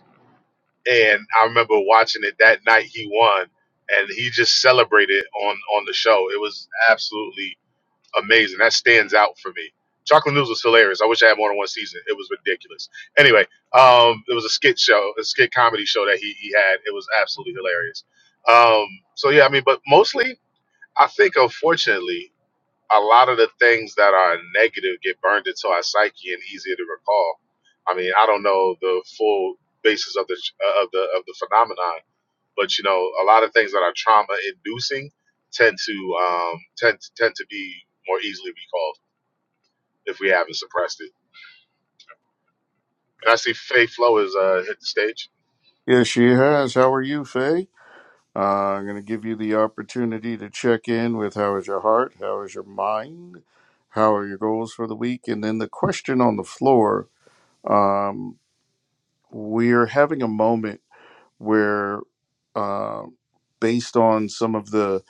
Speaker 4: and I remember watching it that night he won and he just celebrated on on the show. It was absolutely amazing. That stands out for me. Chocolate News was hilarious. I wish I had more than one season. It was ridiculous. Anyway, um, it was a skit show, a skit comedy show that he, he had. It was absolutely hilarious. Um, so yeah, I mean, but mostly I think unfortunately a lot of the things that are negative get burned into our psyche and easier to recall. I mean, I don't know the full basis of the of the of the phenomenon, but you know, a lot of things that are trauma inducing tend to um, tend tend to be more easily recalled if we haven't suppressed it. And I see Faye Flo has uh, hit the stage.
Speaker 1: Yes, she has. How are you, Faye? Uh, I'm going to give you the opportunity to check in with how is your heart, how is your mind, how are your goals for the week, and then the question on the floor. We're having a moment where, uh, based on some of the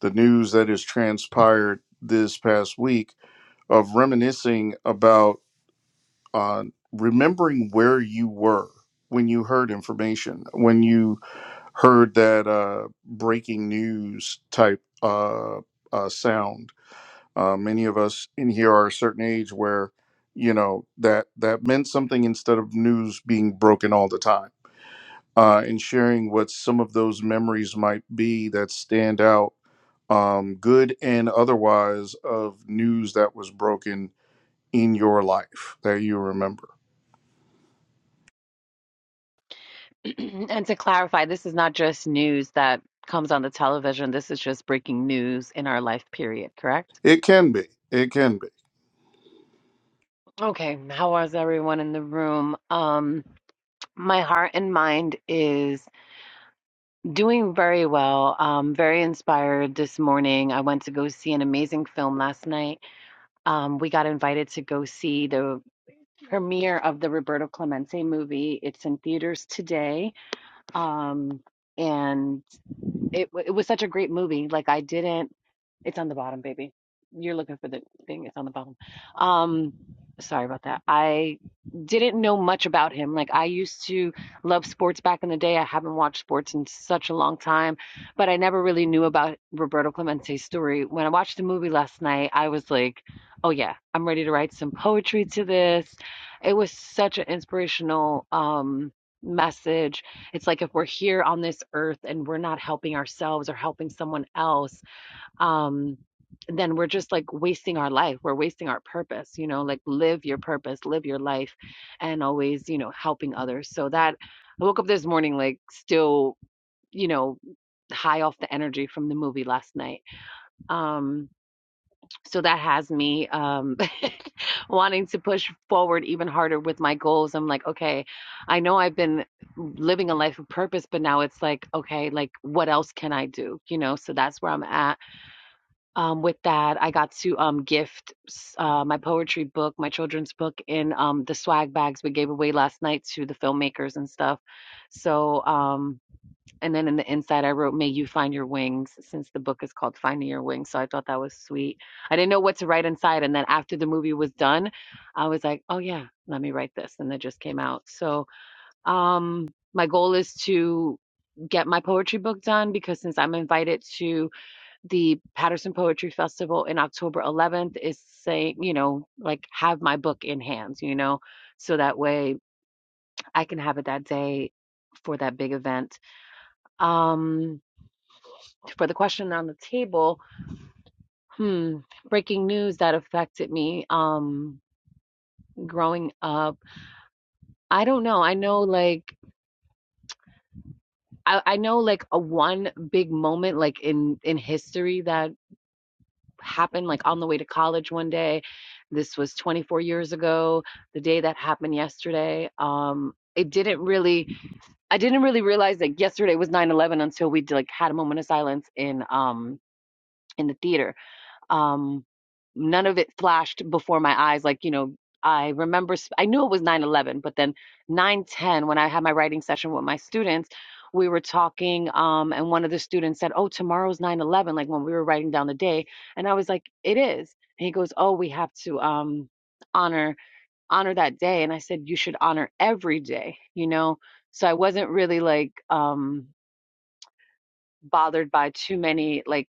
Speaker 1: the news that has transpired this past week, of reminiscing about uh, remembering where you were when you heard information, when you heard that uh, breaking news type uh, uh, sound. Uh, many of us in here are a certain age where you know that that meant something instead of news being broken all the time. Uh, and sharing what some of those memories might be that stand out, good and otherwise, of news that was broken in your life that you remember.
Speaker 6: And to clarify, this is not just news that comes on the television. This is just breaking news in our life period, correct?
Speaker 1: It can be. It can be.
Speaker 6: Okay, how was everyone in the room? Um, my heart and mind is doing very well. Um, very inspired this morning. I went to go see an amazing film last night. Um, we got invited to go see the premiere of the Roberto Clemente movie. It's in theaters today. Um, and It w- it was such a great movie. Like I didn't. It's on the bottom, baby. You're looking for the thing. It's on the bottom. Um, sorry about that. I didn't know much about him. Like I used to love sports back in the day. I haven't watched sports in such a long time, but I never really knew about Roberto Clemente's story. When I watched the movie last night, I was like, "Oh yeah, I'm ready to write some poetry to this." It was such an inspirational um message it's like if we're here on this earth and we're not helping ourselves or helping someone else um then we're just like wasting our life we're wasting our purpose you know like live your purpose live your life and always you know helping others so that i woke up this morning like still you know high off the energy from the movie last night um so that has me um, wanting to push forward even harder with my goals. I'm like, okay, I know I've been living a life of purpose, but now it's like, okay, like what else can I do? You know, so that's where I'm at. Um, with that, I got to um, gift uh, my poetry book, my children's book, in um, the swag bags we gave away last night to the filmmakers and stuff. So, um, and then in the inside, I wrote, May you find your wings, since the book is called Finding Your Wings. So I thought that was sweet. I didn't know what to write inside. And then after the movie was done, I was like, Oh, yeah, let me write this. And that just came out. So um, my goal is to get my poetry book done because since I'm invited to the Patterson Poetry Festival in October 11th, is saying, you know, like have my book in hands, you know, so that way I can have it that day for that big event. Um, for the question on the table, hmm, breaking news that affected me um growing up. I don't know. I know like I, I know like a one big moment like in in history that happened like on the way to college one day. This was 24 years ago, the day that happened yesterday. Um it didn't really I didn't really realize that yesterday was 9/11 until we like had a moment of silence in um in the theater um none of it flashed before my eyes like you know i remember sp- I knew it was nine eleven, but then nine ten when i had my writing session with my students we were talking um, and one of the students said oh tomorrow's 9 eleven." like when we were writing down the day and i was like it is and he goes oh we have to um, honor honor that day and i said you should honor every day you know so i wasn't really like um bothered by too many like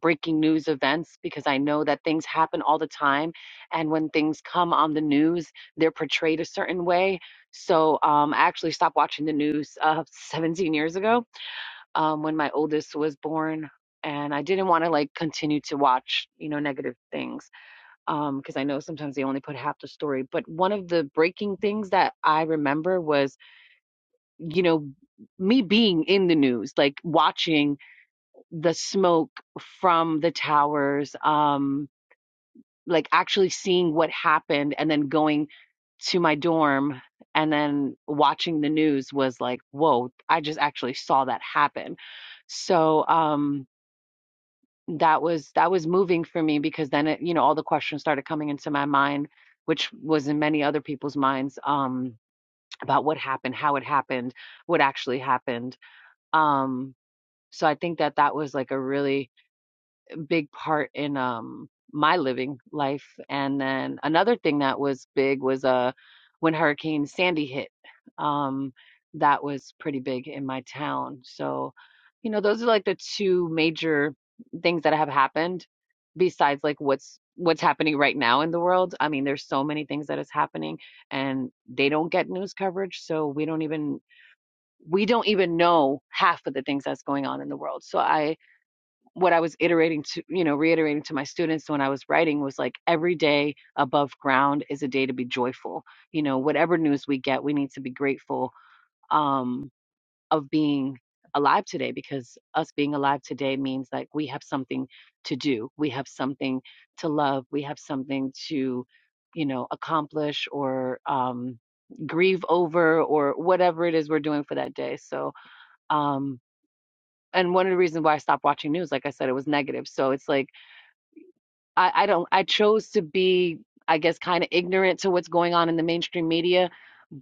Speaker 6: breaking news events because I know that things happen all the time. And when things come on the news, they're portrayed a certain way. So um, I actually stopped watching the news uh, 17 years ago um, when my oldest was born. And I didn't want to like continue to watch, you know, negative things um, because I know sometimes they only put half the story. But one of the breaking things that I remember was, you know, me being in the news, like watching the smoke from the towers, um, like actually seeing what happened and then going to my dorm and then watching the news was like, whoa, I just actually saw that happen. So um that was that was moving for me because then it, you know, all the questions started coming into my mind, which was in many other people's minds, um, about what happened, how it happened, what actually happened. Um, so I think that that was like a really big part in um my living life. And then another thing that was big was uh when Hurricane Sandy hit. Um that was pretty big in my town. So, you know, those are like the two major things that have happened besides like what's what's happening right now in the world. I mean, there's so many things that is happening and they don't get news coverage, so we don't even we don't even know half of the things that's going on in the world. So I what I was iterating to, you know, reiterating to my students when I was writing was like every day above ground is a day to be joyful. You know, whatever news we get, we need to be grateful um, of being alive today because us being alive today means like we have something to do, we have something to love, we have something to, you know, accomplish or um, grieve over or whatever it is we're doing for that day. So, um, and one of the reasons why I stopped watching news, like I said, it was negative. So it's like I, I don't I chose to be, I guess, kind of ignorant to what's going on in the mainstream media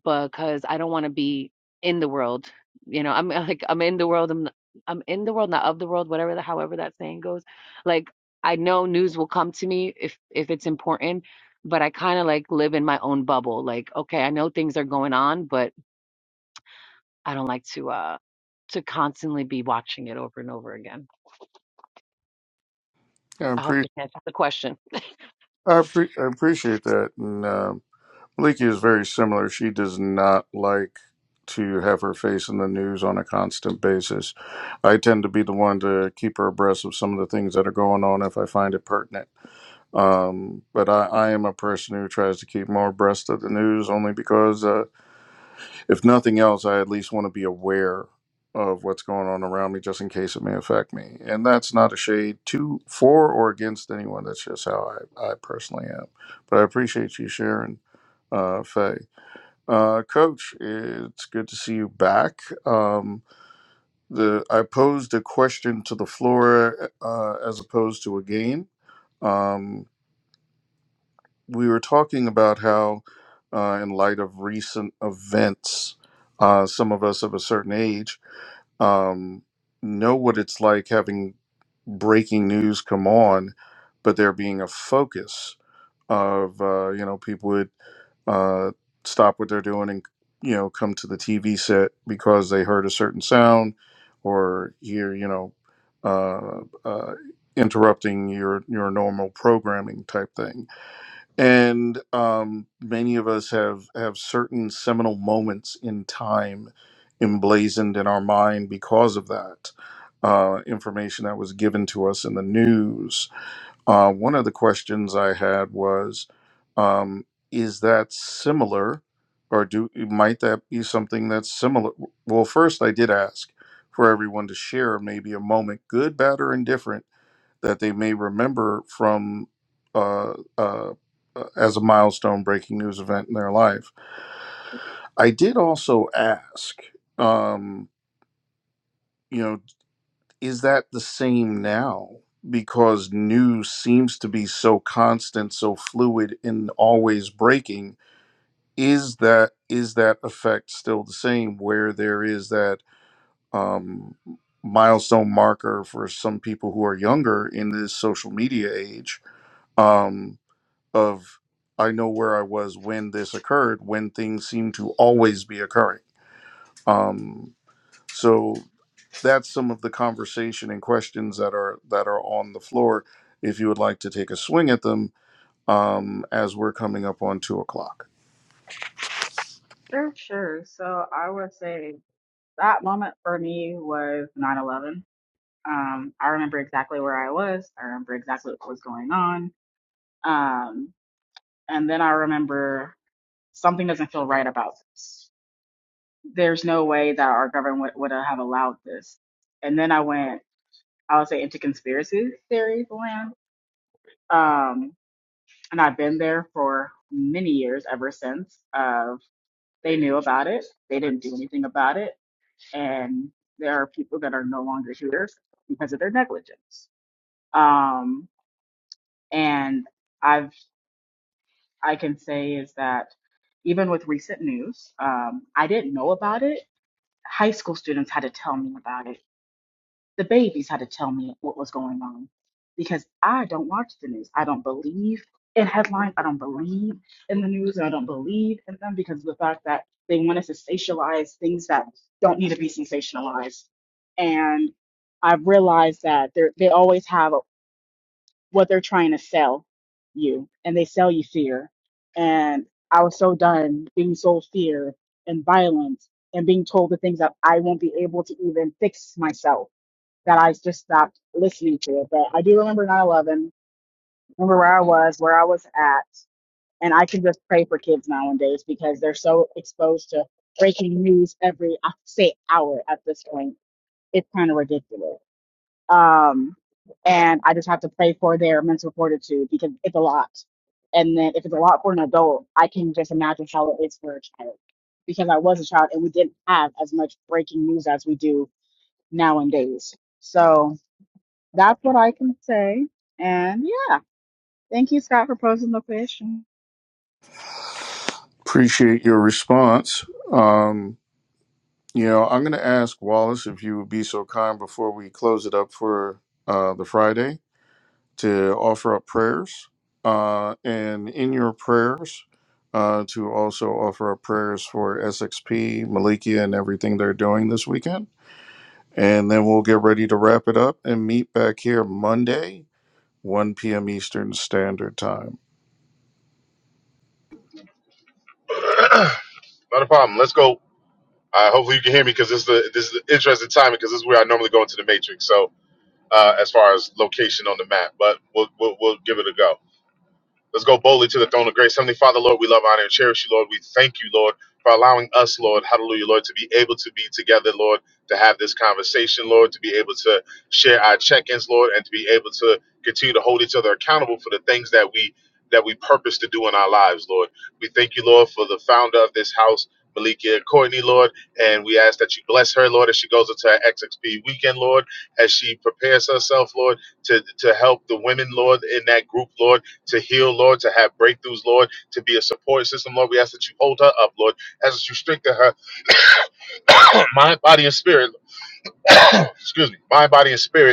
Speaker 6: because I don't want to be in the world. You know, I'm like I'm in the world, I'm I'm in the world, not of the world, whatever the however that saying goes. Like I know news will come to me if if it's important, but I kind of like live in my own bubble. Like, okay, I know things are going on, but I don't like to uh to constantly be watching it over and over again.
Speaker 1: I,
Speaker 6: I hope
Speaker 1: appre-
Speaker 6: this answers the question.
Speaker 1: I, appre- I appreciate that. And um Maliki is very similar. She does not like to have her face in the news on a constant basis. I tend to be the one to keep her abreast of some of the things that are going on if I find it pertinent. Um, but I, I am a person who tries to keep more abreast of the news only because. uh, if nothing else, I at least want to be aware of what's going on around me just in case it may affect me. And that's not a shade to for or against anyone. That's just how I, I personally am. But I appreciate you sharing, uh, Faye. Uh, Coach, it's good to see you back. Um, the I posed a question to the floor uh, as opposed to a game. Um, we were talking about how, uh, in light of recent events, uh, some of us of a certain age um, know what it's like having breaking news come on, but there being a focus of uh, you know people would uh, stop what they're doing and you know come to the TV set because they heard a certain sound or hear you know uh, uh, interrupting your your normal programming type thing and um, many of us have have certain seminal moments in time emblazoned in our mind because of that uh, information that was given to us in the news. Uh, one of the questions I had was, um, is that similar, or do might that be something that's similar? Well, first I did ask for everyone to share maybe a moment, good, bad, or indifferent that they may remember from uh, uh, uh, as a milestone breaking news event in their life. I did also ask, um, you know, is that the same now? Because news seems to be so constant, so fluid, and always breaking. Is that is that effect still the same? Where there is that um, milestone marker for some people who are younger in this social media age? um, of I know where I was when this occurred, when things seem to always be occurring. So that's some of the conversation and questions that are that are on the floor. If you would like to take a swing at them, um, as we're coming up on two o'clock,
Speaker 3: sure sure so i would say that moment for me was 9-11 Um, I remember exactly where I was. I remember exactly what was going on. Um, and then I remember something doesn't feel right about this. There's no way that our government would, would have allowed this. And then I went, I would say, into conspiracy theories land. Um, and I've been there for many years ever since. Of they knew about it, they didn't do anything about it, and there are people that are no longer here because of their negligence. Um, and I've I can say is that even with recent news, um, I didn't know about it. High school students had to tell me about it. The babies had to tell me what was going on because I don't watch the news. I don't believe in headlines. I don't believe in the news. And I don't believe in them because of the fact that they want us to sensationalize things that don't need to be sensationalized. And I've realized that they're- they always have what they're trying to sell you and they sell you fear and i was so done being sold fear and violence and being told the things that i won't be able to even fix myself that i just stopped listening to it but i do remember 9-11 remember where i was where i was at and i can just pray for kids nowadays because they're so exposed to breaking news every i say hour at this point it's kind of ridiculous um, and I just have to pray for their mental fortitude because it's a lot. And then if it's a lot for an adult, I can just imagine how it is for a child because I was a child and we didn't have as much breaking news as we do nowadays. So that's what I can say. And yeah, thank you, Scott, for posing the question.
Speaker 1: appreciate your response. Um, you know, I'm going to ask Wallace if you would be so kind before we close it up for uh, the Friday to offer up prayers uh, and in your prayers uh, to also offer up prayers for SXP, Malikia, and everything they're doing this weekend. And then we'll get ready to wrap it up and meet back here Monday, 1 p.m. Eastern Standard Time.
Speaker 4: Not a problem. Let's go. Uh, hopefully you can hear me because this is the this is the interesting timing because this is where I normally go into the matrix. So uh, as far as location on the map, but we'll, we'll we'll give it a go. Let's go boldly to the throne of grace. Heavenly Father, Lord, we love, honor, and cherish you, Lord. We thank you, Lord, for allowing us, Lord, hallelujah, Lord, to be able to be together, Lord, to have this conversation, Lord, to be able to share our check-ins, Lord, and to be able to continue to hold each other accountable for the things that we that we purpose to do in our lives, Lord. We thank you, Lord, for the founder of this house, Malikia Courtney, Lord, and we ask that you bless her, Lord, as she goes into her XXP weekend, Lord, as she prepares herself, Lord, to, to help the women, Lord, in that group, Lord to heal, Lord, to have breakthroughs, Lord, to be a support system, Lord. We ask that you hold her up, Lord, as you strengthen her mind, body, and spirit. Excuse me, mind, body, and spirit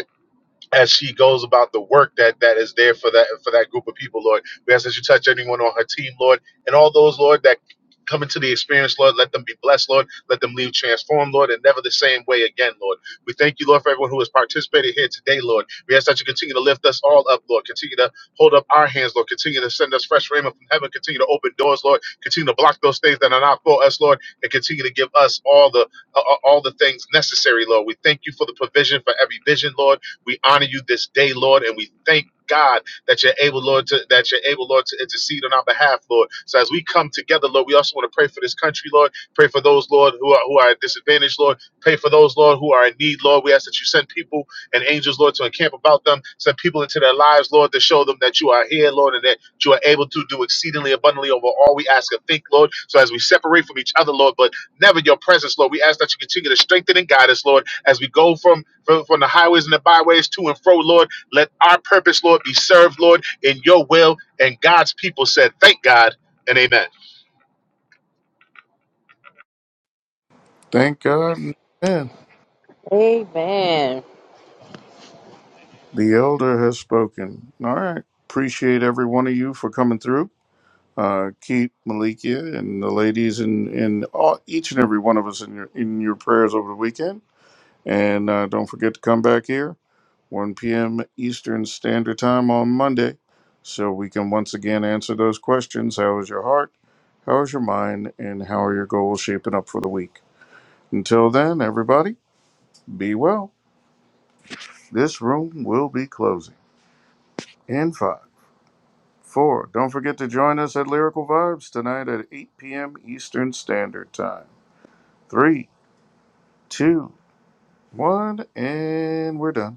Speaker 4: as she goes about the work that that is there for that for that group of people, Lord. We ask that you touch anyone on her team, Lord, and all those, Lord, that come into the experience, Lord. Let them be blessed, Lord. Let them leave transformed, Lord, and never the same way again, Lord. We thank you, Lord, for everyone who has participated here today, Lord. We ask that you continue to lift us all up, Lord. Continue to hold up our hands, Lord. Continue to send us fresh raiment from heaven. Continue to open doors, Lord. Continue to block those things that are not for us, Lord, and continue to give us all the uh, uh, all the things necessary, Lord. We thank you for the provision for every vision, Lord. We honor you this day, Lord, and we thank God that you're able, Lord, to, that you're able, Lord, to intercede on our behalf, Lord. So as we come together, Lord, we also want to pray for this country, Lord. Pray for those, Lord, who are who are disadvantaged, Lord. Pray for those, Lord, who are in need, Lord. We ask that you send people and angels, Lord, to encamp about them. Send people into their lives, Lord, to show them that you are here, Lord, and that you are able to do exceedingly abundantly over all we ask and think, Lord. So as we separate from each other, Lord, but never your presence, Lord, we ask that you continue to strengthen and guide us, Lord, as we go from from, from the highways and the byways to and fro, Lord. Let our purpose, Lord, be served, Lord, in your will. And God's people said, Thank God and amen.
Speaker 1: Thank God. Man,
Speaker 2: Amen.
Speaker 1: the elder has spoken. All right. Appreciate every one of you for coming through. Uh, keep Malikia and the ladies and, and all, each and every one of us in your, in your prayers over the weekend And uh, don't forget to come back here, 1 p.m. Eastern Standard Time on Monday, so we can once again answer those questions. How is your heart? How is your mind? And how are your goals shaping up for the week? Until then, everybody, be well. This room will be closing in five, four. Don't forget to join us at Lyrical Vibes tonight at 8 p.m. Eastern Standard Time. Three, two, one, and we're done.